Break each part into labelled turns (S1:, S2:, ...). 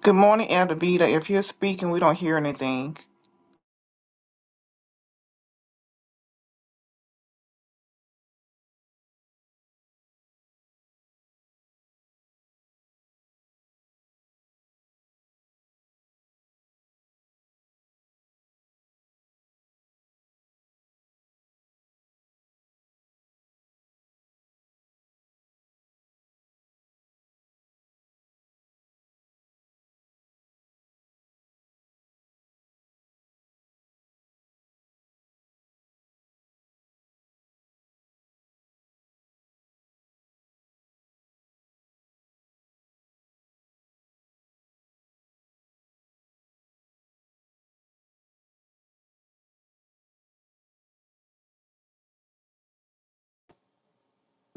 S1: Good morning, Elder If you're speaking, we don't hear anything.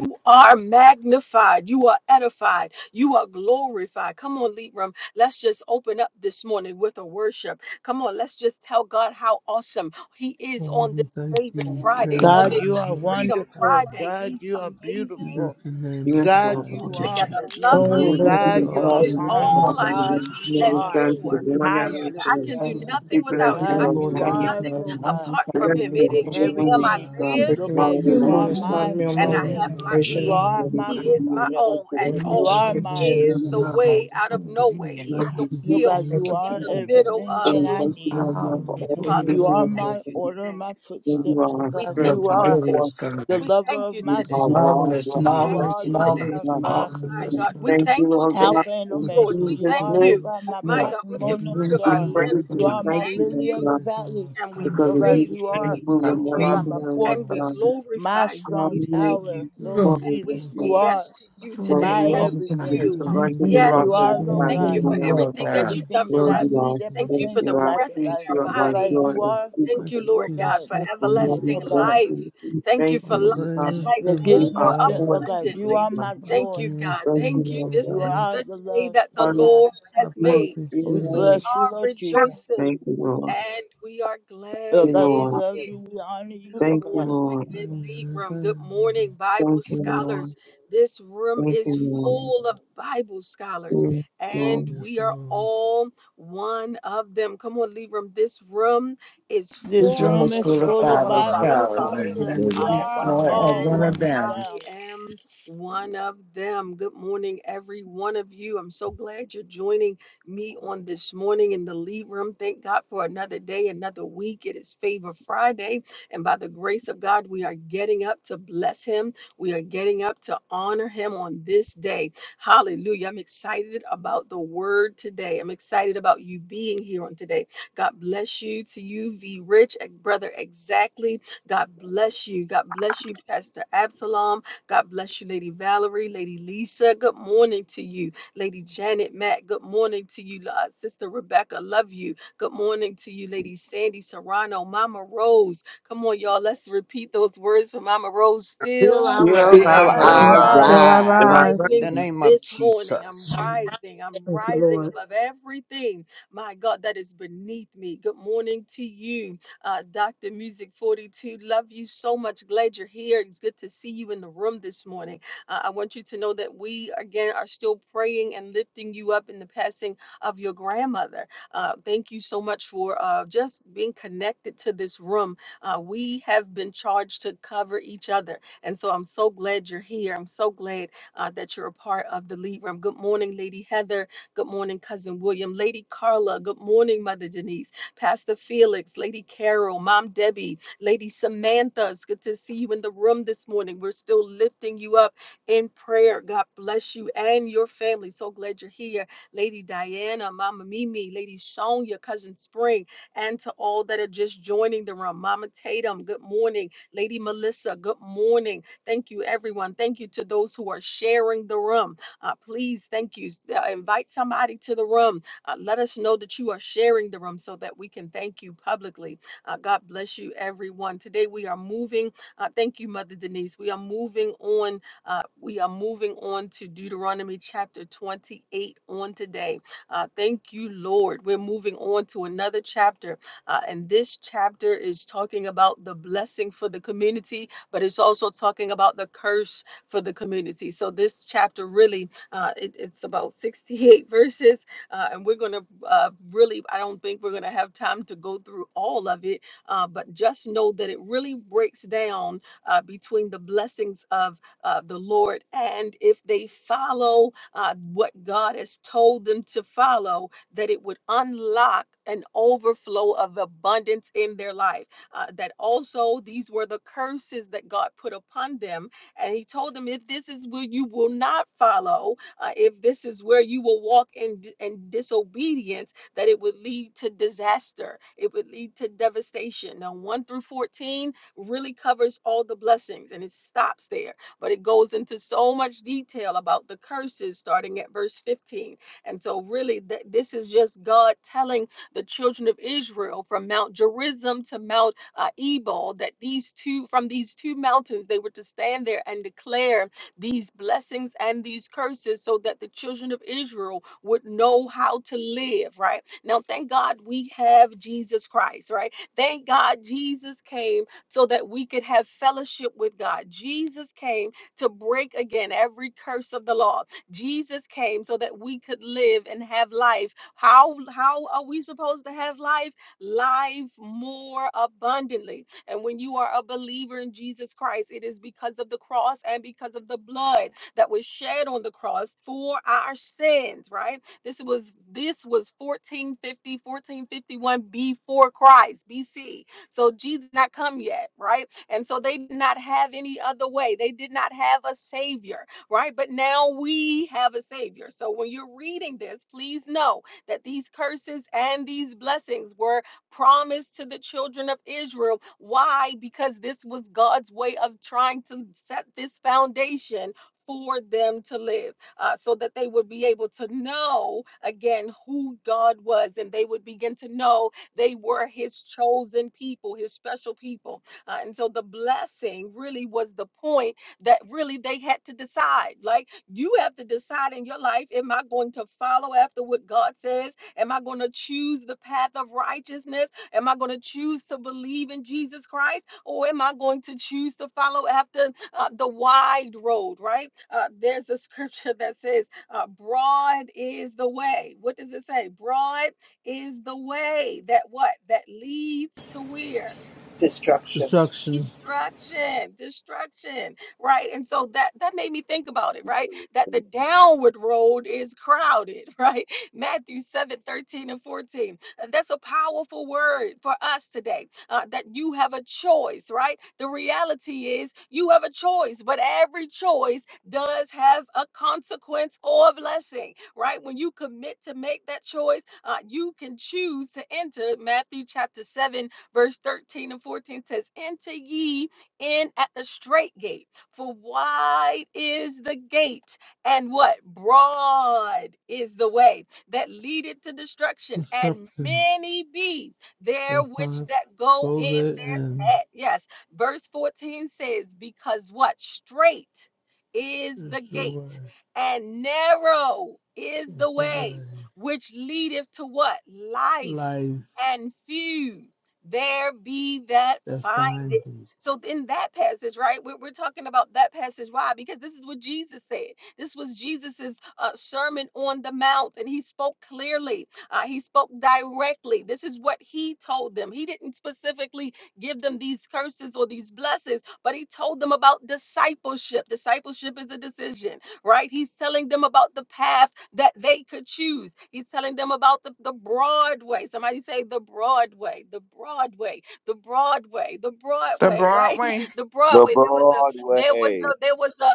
S2: You are magnified. You are edified. You are glorified. Come on, Libram. Let's just open up this morning with a worship. Come on, let's just tell God how awesome He
S3: Oh,
S2: is on
S3: we
S2: this
S3: thank
S2: favorite
S3: you,
S2: Friday,
S3: praise
S2: on
S4: God,
S2: this
S4: you
S3: you,
S4: are
S2: Freedom
S3: magnify
S4: wonderful.
S3: you.
S2: Friday.
S4: God,
S2: He's
S4: you are
S3: We
S2: amazing.
S3: lift
S4: beautiful.
S3: your name
S5: Yes,
S4: God,
S2: He's
S5: Lord.
S3: high,
S5: Father.
S4: you
S6: Thank you,
S4: are
S3: God.
S6: Father.
S2: altogether
S5: You
S7: Oh,
S2: lovely.
S4: magnificent.
S5: worthy
S7: Lord,
S5: to
S7: you
S4: God,
S5: be
S4: you
S7: are
S3: Lord,
S2: He
S5: praised,
S3: the
S4: are
S2: is
S7: awesome.
S3: name
S5: O
S3: I
S7: Come
S4: honored.
S2: all
S5: God.
S7: on,
S2: I
S3: know what
S4: God,
S2: need
S3: your
S5: You
S4: you
S3: name is
S2: and
S6: Lord,
S4: are
S5: understand to be thanked for the
S3: called.
S2: more.
S6: Thank you,
S5: glory
S4: high
S6: Jesus.
S4: and
S5: and
S2: Lord, I
S5: honor.
S4: lifted
S2: can
S3: Oh,
S7: Lord,
S4: up.
S2: do
S3: lift
S2: nothing
S5: We
S3: your
S7: you
S5: bless
S2: without
S6: Thank
S5: you,
S3: high
S2: him. I
S6: you,
S4: God,
S5: Lord
S2: can
S6: Lord
S4: you
S3: above
S2: do
S7: glorify
S3: the
S5: God.
S7: you,
S6: God.
S4: are,
S2: nothing
S7: Lord,
S4: Lord
S3: heavens.
S4: God,
S2: apart
S7: magnify
S2: from
S5: Bless
S2: him.
S7: you,
S5: the
S2: It is
S7: Lord.
S5: holy
S2: in
S3: Lift your
S2: him
S5: name, of
S2: I
S4: everything.
S3: high
S5: God.
S3: above
S2: live.
S3: the
S4: Lord
S6: Waking me
S3: earth,
S6: up
S4: God,
S7: You are
S3: God.
S6: this
S4: you
S2: I
S4: are
S7: wonderful,
S6: morning,
S5: Hallelujah.
S2: move
S5: Thank
S6: starting
S4: my
S7: wonderful,
S6: me
S5: you,
S6: on
S2: and
S6: my
S5: God.
S2: I
S6: way.
S2: have
S6: I'm
S4: waymaker.
S2: my
S3: Magnify
S6: praising
S4: You
S2: being.
S3: your
S4: are
S7: wonderful,
S5: Hallelujah.
S3: name.
S4: my
S2: He
S6: you.
S2: is
S7: come
S3: Jesus.
S2: my
S7: on.
S5: We
S4: provider.
S5: bless
S2: all
S5: you,
S2: and
S5: Lord
S7: And I
S4: You
S5: God.
S2: all.
S6: Thank
S4: are
S3: Yes,
S2: He
S6: you, for
S7: trust
S4: my,
S3: Lord
S6: your
S5: We
S2: is
S6: love.
S7: you,
S5: bless
S2: the
S3: Jesus.
S7: Lord.
S3: I
S2: way out of no way. He
S7: Hallelujah.
S2: is
S3: Thank
S2: the
S3: you,
S4: Lord
S5: you,
S2: wheel
S4: God,
S6: Thank
S4: you
S3: Jesus.
S6: you,
S2: in
S4: are
S2: the
S5: Lord
S2: middle
S4: everything
S5: and
S2: of
S6: Jesus.
S4: that
S5: we
S3: God,
S2: the wheel.
S4: I
S3: my
S5: thank you, God. And we thank you,
S4: need.
S5: Lord
S3: Savior,
S5: God, for
S3: my
S5: all
S2: And
S3: Lord,
S2: Father,
S5: you're
S7: Hallelujah.
S4: You
S2: we
S6: Hallelujah.
S3: my
S4: are
S5: doing,
S3: God.
S2: thank
S5: Lord
S4: my
S2: you
S5: God.
S4: order,
S2: today.
S4: my
S3: I
S5: Thank you,
S4: footsteps, oh
S5: our
S2: We
S4: God.
S3: magnify
S7: You are
S2: thank
S4: You
S5: strength,
S3: you,
S2: you
S5: our
S4: are
S2: today.
S3: Jesus.
S7: glorious,
S5: force.
S7: God.
S4: the
S2: We
S4: lover
S2: thank
S4: of
S2: you
S3: I
S4: my
S5: You
S2: today.
S3: Thank
S5: are
S3: you,
S4: soul.
S5: wrong,
S7: Marvelous,
S5: God.
S2: We
S3: Jesus.
S5: We
S2: thank
S4: You
S5: bless
S4: are,
S7: marvelous,
S2: you
S4: Lord
S5: you,
S2: today.
S7: marvelous,
S5: Lord God.
S4: God,
S3: It's a
S2: My
S5: And
S7: marvelous.
S2: God, we
S3: miracle.
S5: thank you,
S2: thank you
S5: Lord God.
S4: Alpha
S2: today.
S4: and
S2: Yes,
S5: In
S3: This is
S2: Lord,
S4: Omega.
S3: my
S2: we
S4: You
S5: Jesus'
S4: are,
S2: thank
S5: name.
S4: Lord
S2: you.
S3: story.
S4: God, my
S7: You
S2: My
S7: are
S4: bright
S2: God,
S4: and
S2: with
S3: This
S2: the
S3: is
S4: morning
S3: my
S2: fruit of
S5: We
S4: star.
S7: everything
S2: our
S7: that
S5: praise
S3: song,
S2: lips,
S5: you
S7: we
S4: You
S5: and
S2: we
S4: are
S7: want.
S4: my
S5: thank you,
S2: thank
S5: Lord
S4: lily
S2: you
S4: of the
S5: God,
S3: praising
S4: valley.
S3: my
S2: and we
S5: because
S4: Lord
S5: of
S3: Savior
S7: Hallelujah.
S5: you
S4: God,
S2: praise
S4: you
S2: you.
S5: being
S4: are,
S7: Thank
S2: We
S7: you,
S5: moving
S2: thank
S5: in
S3: all
S4: Lord
S5: our
S3: the
S2: you
S4: God,
S7: Lord.
S5: being,
S4: my
S3: day
S5: Lord
S2: and we
S4: fortress,
S5: God.
S3: long.
S4: my
S2: glorify you.
S4: strong
S2: We
S5: Hallelujah.
S2: thank
S3: Thank
S2: you.
S4: tower.
S3: you,
S4: Lord
S7: Oh,
S3: Jesus.
S5: Glory
S2: We
S4: Jesus,
S5: to
S3: Thank
S2: say
S4: you
S5: God.
S4: are
S2: yes to you today.
S7: praise
S4: my
S5: Glory we all
S2: Yes
S7: be
S2: to
S7: God.
S4: everything.
S5: you
S2: you.
S5: can
S3: you,
S5: run
S7: Thank
S3: thank
S5: to
S7: you,
S5: the
S3: you,
S2: Yes,
S7: Lord.
S5: rock
S4: You
S5: that
S4: are,
S3: Lord.
S2: Lord.
S5: is
S4: Lord
S5: high
S2: Thank you
S4: God,
S5: and
S2: for
S7: You
S5: not low.
S7: Lord
S2: everything that
S7: God.
S3: Thank
S2: you've
S4: everything
S2: done
S3: you,
S4: that
S2: for
S5: Lord,
S4: I
S3: Jesus.
S2: us.
S5: you are,
S4: need that
S2: Thank you
S5: thank
S2: for
S4: pertains
S2: the
S5: you,
S4: to
S5: are,
S4: life
S2: breath
S4: and
S5: peace,
S2: in our
S5: you are
S4: godliness. Lord
S5: my
S4: God,
S5: joy
S2: bodies.
S4: you are,
S2: Thank
S3: Thank
S2: you,
S5: unspeakable.
S4: Lord
S2: Lord
S3: you,
S2: God,
S4: God,
S2: for
S4: the
S3: Jesus,
S5: And
S4: things,
S5: Lord, we
S2: everlasting
S4: Lord
S3: Lord.
S5: thank
S4: God,
S2: life.
S5: you. We
S2: Thank you
S5: thank
S3: My
S2: for
S5: you,
S2: life
S5: Lord God.
S3: Savior,
S2: and life
S4: that
S3: my
S4: gives
S5: You
S4: me
S2: more
S5: are
S4: strength.
S5: poor,
S4: Lord
S3: God,
S4: God, you
S5: Lord
S2: abundantly.
S4: are
S5: God.
S4: my
S3: my
S2: Thank
S4: joy.
S2: you,
S3: King, my
S2: God.
S5: Thank
S2: Thank
S3: King,
S5: you,
S2: you.
S5: Lord
S3: my
S2: This
S4: You
S5: God.
S3: Lord.
S2: is
S4: are
S2: the
S4: the
S2: day
S4: love,
S2: that the
S4: Lord
S5: Hallelujah.
S4: God.
S2: Lord
S3: I
S2: has
S5: Thank
S3: thank
S2: made.
S3: you,
S5: you,
S4: We
S2: We
S5: Lord.
S4: bless you,
S2: are
S3: Jesus.
S4: Lord Jesus.
S2: rejoicing
S5: Thank you,
S2: and we are glad
S4: Lord
S3: Thank
S4: God,
S2: in
S4: we
S5: Lord.
S4: love
S2: it.
S4: you.
S3: you,
S4: We honor you,
S2: Good
S4: Lord
S5: Thank you,
S4: God.
S2: morning, again,
S5: Lord.
S3: thank
S2: good lead
S3: you,
S2: room.
S3: thank
S2: Good
S3: you, Jesus.
S2: morning, Bible
S5: Thank you,
S2: scholars.
S5: Lord.
S2: This room
S5: Thank you,
S2: is
S5: Lord.
S2: full of Bible scholars,
S5: Yes, Lord.
S2: and
S3: Yes,
S2: we are
S3: Lord.
S2: all one of them. Come on, lead room. This room is
S4: This
S7: This room
S2: full
S4: room
S7: is
S8: This
S4: is
S7: full
S8: room
S7: of
S2: of
S8: is
S4: full of
S8: full
S7: Bible
S8: of
S9: Coronavirus,
S8: Bible
S4: Bible
S2: Bible
S7: scholars.
S9: people
S4: scholars,
S8: scholars,
S9: you
S7: You
S8: and
S4: and
S2: scholars.
S9: very
S4: we
S8: I
S7: you
S8: am
S9: much
S8: one
S4: are
S8: of them.
S7: are
S2: And
S9: alone,
S7: a
S4: all
S7: one of
S4: one
S9: you
S4: of
S7: them.
S4: them.
S2: I am one of them. Good morning, every one of you. I'm so glad you're joining me on this morning in the lead room. Thank God for another day, another week. It is Favor Friday. And by the grace of God, we are getting up to bless Him. We are getting up to honor Him on this day. Hallelujah. I'm excited about the word today. I'm excited about you being here on today. God bless you to you, V Rich, eh, Brother Exactly. God bless you. God bless you, Pastor Absalom. God bless you, Lady Valerie, Lady Lisa. Good morning to you, Lady Janet Matt. Good morning to you, uh, Sister Rebecca. Love you. Good morning to you, Lady Sandy Serrano, Mama Rose. Come on, y'all. Let's repeat those words for Mama Rose.
S7: Still
S2: Still,
S7: I
S5: You're my
S10: still
S9: know.
S7: rise.
S2: I
S6: You're
S4: Still
S5: right.
S10: I
S4: I
S2: rise.
S9: All
S6: alive.
S11: Still I
S5: If
S2: I'm
S5: I
S11: rise,
S4: rise.
S10: rise in
S2: rising
S10: the name of
S2: this morning. I'm
S10: Jesus.
S6: Amen.
S2: rising. I'm
S6: Thank you,
S2: rising
S6: Lord.
S2: above everything, my God, that is beneath me. Good morning to you uh, Dr. Music 42. Love you so much. Glad you're here. It's good to see you in the room this morning. Uh, I want you to know that we, again, are still praying and lifting you up in the passing of your grandmother. Uh, thank you so much for uh, just being connected to this room. Uh, we have been charged to cover each other. And so I'm so glad you're here. I'm so glad uh, that you're a part of the lead room. Good morning, Lady Heather. Good morning, Cousin William. Lady Carla. Good morning, Mother Denise. Pastor Felix, Lady Carol, Mom Debbie, Lady Samantha. It's good to see you in the room this morning. We're still lifting you up in prayer. God bless you and your family. So glad you're here. Lady Diana, Mama Mimi, Lady Sonia, Cousin Spring, and to all that are just joining the room. Mama Tatum, good morning. Lady Melissa, good morning. Thank you, everyone. Thank you to those who are sharing the room. Uh, please, thank you. Uh, invite somebody to the room uh, let us know that you are sharing the room so that we can thank you publicly. Uh, God bless you, everyone. Today we are moving. Uh, thank you, Mother Denise. We are moving on. Uh, we are moving on to Deuteronomy chapter 28 on today. Uh, thank you, Lord. We're moving on to another chapter. Uh, and this chapter is talking about the blessing for the community, but it's also talking about the curse for the community. So this chapter really, uh, it- it's about 68 verses uh, and we're going to uh, really, I don't think we're going to have time to go through all of it, uh, but just know that it really breaks down uh, between the blessings of uh, the Lord and if they follow uh, what God has told them to follow, that it would unlock an overflow of abundance in their life. Uh, that also these were the curses that God put upon them. And He told them, if this is what you will not follow, uh, if this is where you will walk in, in disobedience, that it would lead to disaster, it would lead to devastation. Now, 1 through 14 really covers all the blessings and it stops there, but it goes into so much detail about the curses starting at verse 15. And so, really, th- this is just God telling the children of Israel from Mount Gerizim to Mount uh, Ebal that these two, from these two mountains, they were to stand there and declare these blessings and these curses so that the children of Israel would know how to live, right? Now, thank God we have Jesus Christ, right? Thank God Jesus came so that we could have fellowship with God. Jesus came to break again every curse of the law. Jesus came so that we could live and have life. How how are we supposed to have life? Life more abundantly. And when you are a believer in Jesus Christ, it is because of the cross and because of the blood that was shed on the cross for our sins, right? This was this was 1450, 1451 before Christ, BC. So Jesus not come yet, right? And so they did not have any other way. They did not have a savior, right? But now we have a savior. So when you're reading this, please know that these curses and these blessings were promised to the children of Israel. Why? Because this was God's way of trying to set this foundation for them to live uh, so that they would be able to know again who God was and they would begin to know they were his chosen people, his special people. Uh, and so the blessing really was the point that really they had to decide. Like you have to decide in your life, am I going to follow after what God says? Am I going to choose the path of righteousness? Am I going to choose to believe in Jesus Christ? Or am I going to choose to follow after uh, the wide road, right? Uh, there's a scripture that says, uh, Broad is the way. What does it say? Broad is the way that what? That leads to where?
S8: Destruction.
S3: Destruction,
S2: destruction destruction right and so that that made me think about it right that the
S9: right.
S2: downward road is crowded right matthew 7 13 and 14 Uh, that's a powerful word for us today uh, that you have a choice right the reality is you have a choice but every choice does have a consequence or a blessing right when you commit to make that choice uh, you can choose to enter matthew chapter 7 Verse 13 and 14 says, Enter ye in at the straight gate, for wide is the gate, and what? Broad is the way that leadeth to destruction, and
S3: destruction.
S2: many be there
S3: That's
S2: which
S3: not
S2: that go
S3: go
S2: in
S3: there and
S2: at- Yes. Verse 14 says, Because what? Straight is
S3: It's
S2: the
S3: the way,
S2: gate, and narrow is
S3: it's
S2: the
S3: the way
S2: way which leadeth to what? Life,
S3: life
S2: and few there be that
S3: defines
S2: find it.
S3: it.
S2: So, in that passage, right, we're, we're talking about that passage. Why? Because this is what Jesus said. This was Jesus's uh, sermon on the mount, and he spoke clearly. Uh, he spoke directly. This is what he told them. He didn't specifically give them these curses or these blessings. But he told them about discipleship. Discipleship is a decision, right? He's telling them about the path that they could choose. He's telling them about the, the broad way. Somebody say the broad way, the broad way, the broad way, the broad
S1: The
S2: way, right?
S1: Broadway,
S2: The broad
S9: The
S2: way. There was a, there was a,
S9: Broadway.
S2: there was a,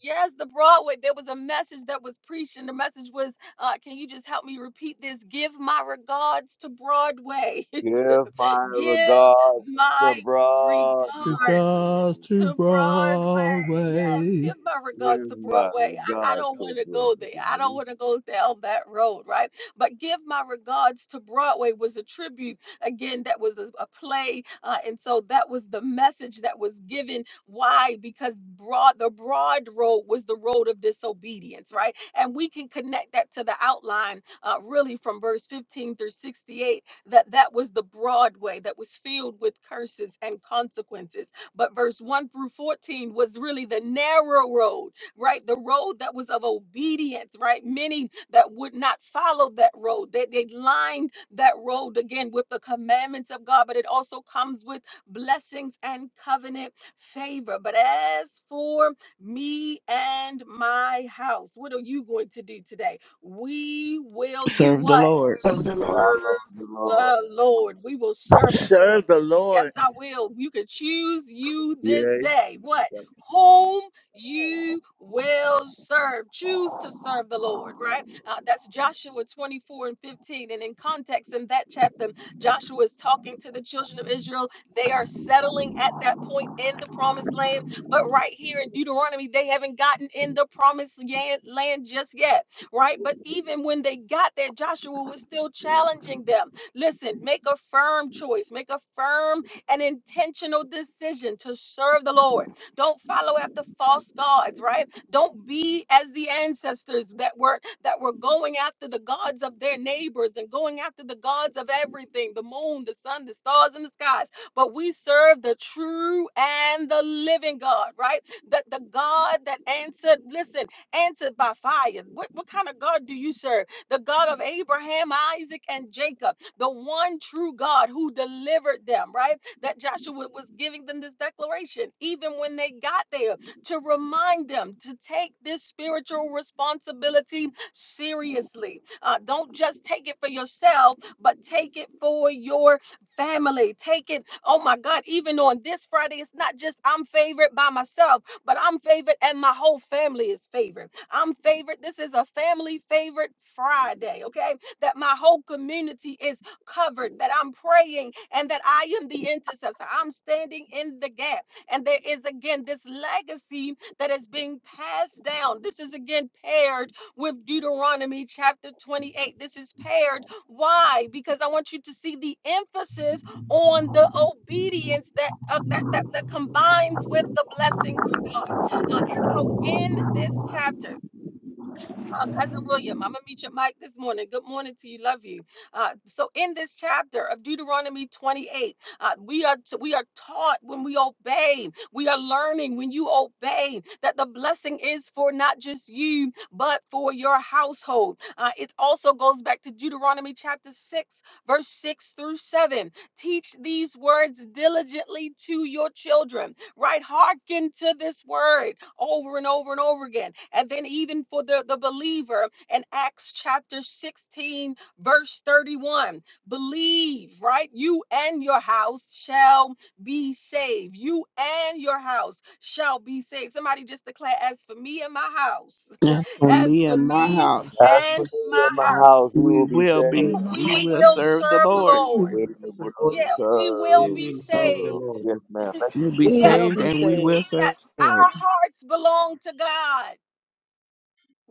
S2: Yes, the Broadway. There was a message that was preached, and the message was, uh, "Can you just help me repeat this? Give my regards to Broadway."
S9: Give my
S2: Give
S9: regards to
S2: my
S9: Broadway.
S2: regard
S3: Because to
S2: to Broadway. Yes,
S3: Broadway,
S2: give my regards
S9: Give
S2: to
S9: my
S2: Broadway. I, I
S9: regards
S2: don't
S9: to
S2: want to go there. I don't
S9: Broadway.
S2: want to go down that road, right? But give my regards to Broadway was a tribute. Again, that was a, a play. Uh, and so that was the message that was given. Why? Because broad the broad road was the road of disobedience, right? And we can connect that to the outline uh, really from verse 15 through 68 that that was the Broadway that was filled with curses and consequences but verse 1 through 14 was really the narrow road, right? The road that was of obedience, right? Many that would not follow that road. They, they lined that road again with the commandments of God, but it also comes with blessings and covenant favor. But as for me and my house, what are you going to do today? We will do
S12: serve the
S2: what?
S12: Lord.
S13: Serve the
S2: Serve
S13: Lord.
S9: Follow the Lord.
S2: the Lord. We will serve the Lord.
S4: Serve the
S2: Yes,
S4: Lord
S2: I will. You can choose you this
S9: Yea.
S2: day. What? Whom you will serve. Choose to serve the Lord, right? Uh, that's Joshua 24 and 15. And in context, in that chapter, Joshua is talking to the children of Israel. They are settling at that point in the promised land. But right here in Deuteronomy, they haven't gotten in the promised yan- land just yet, right? But even when they got there, Joshua was still challenging them Listen, make a firm choice, make a firm and intentional decision to serve the Lord. Don't follow after false gods, right? Don't be as the ancestors that were that were going after the gods of their neighbors and going after the gods of everything, the moon, the sun, the stars and the skies. But we serve the true and the living God, right? That the God that answered, listen, answered by fire. What, what kind of God do you serve? The God of Abraham, Isaac, and Jacob the one true God who delivered them, right? That Joshua was giving them this declaration, even when they got there, to remind them to take this spiritual responsibility seriously. Uh, don't just take it for yourself, but take it for your family. Take it, oh my God, even on this Friday, it's not just I'm favored by myself, but I'm favored and my whole family is favored. I'm favored. This is a family favored Friday, okay? That my whole community is covered, that I'm praying, and that I am the intercessor. I'm standing in the gap. And there is again this legacy that is being passed down. This is again paired with Deuteronomy chapter 28. This is paired. Why? Because I want you to see the emphasis on the obedience that uh, that, that that combines with the blessing from God. Uh, and so in this chapter. Uh, Cousin William, I'm going to meet your mic this morning. Good morning to you. Love you. Uh, so, in this chapter of Deuteronomy 28, uh, we, are t- we are taught when we obey, we are learning when you obey that the blessing is for not just you, but for your household. Uh, it also goes back to Deuteronomy chapter 6, verse 6 through 7. Teach these words diligently to your children, right? Hearken to this word over and over and over again. And then even for the, the believer in Acts chapter 16, verse 31, believe, right? You and your house shall be saved. You and your house shall be saved. Somebody just declare, as for me and my house,
S12: And for
S2: as
S12: me
S2: for
S12: and my
S2: me
S12: house,
S9: As for
S2: and my
S9: me and my
S2: house,
S9: house, we
S12: we
S9: will be
S12: will
S6: You're
S12: be,
S9: saved.
S12: we
S2: we
S6: alive.
S12: will
S2: will
S12: serve the
S2: serve the
S12: Lord.
S6: We
S2: Lord.
S6: will
S9: And
S6: serve
S9: we
S6: the
S9: will
S6: Lord.
S2: Yeah, we will
S14: We
S2: be
S14: will
S9: serve the
S14: serve the
S9: Lord.
S2: saved.
S14: Lord.
S9: Yes, ma'am. Thank you.
S12: We'll be
S8: We
S2: Yes,
S8: will
S12: saved
S8: be
S12: and we
S8: saved.
S12: will
S2: yes,
S12: serve the Lord.
S2: our hearts belong to God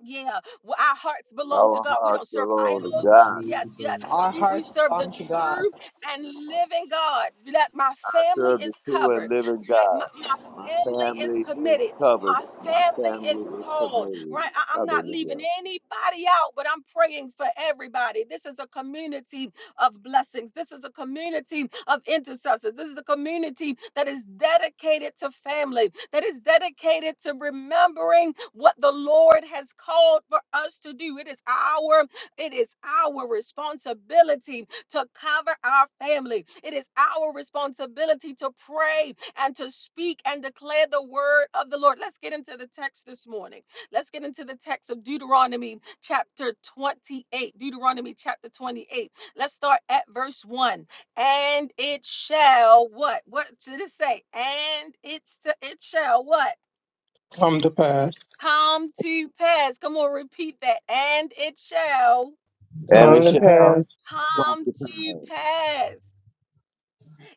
S2: Yeah, well, our hearts belong to
S9: Our
S2: God. We
S9: hearts
S2: don't serve
S9: belong to
S2: idols.
S14: Amen.
S9: God.
S14: Glory to
S2: Yes, yes.
S8: Our
S2: We, we
S8: hearts
S2: serve the
S8: belong to God.
S2: true and living God. That my family
S9: serve the
S2: is
S9: true and
S2: covered
S9: living
S2: right? My,
S9: God. My
S2: my family is
S9: family is
S2: committed.
S9: covered.
S2: My
S9: My
S2: family
S9: family
S2: is
S9: is
S2: called,
S9: committed.
S2: right? I, I'm not leaving
S9: Hallelujah.
S2: anybody out, but I'm praying for everybody. This is a community of blessings. This is a community of intercessors. This is a community that is dedicated to family, that is dedicated to remembering what the Lord has called for us to do. It is our it is our responsibility to cover our family. It is our responsibility to pray and to speak and declare the word of the Lord. Let's get into the text this morning. Let's get into the text of Deuteronomy chapter 28. Deuteronomy chapter 28. Let's start at verse 1. And it shall what? What did it say? And it's it shall what?
S15: come to pass,
S2: Come to pass. Come on, repeat that. And it shall
S9: And
S15: come
S9: it
S5: come to
S15: to
S9: shall
S5: pass,
S15: pass.
S9: come
S2: come
S9: to
S2: to
S9: pass.
S2: pass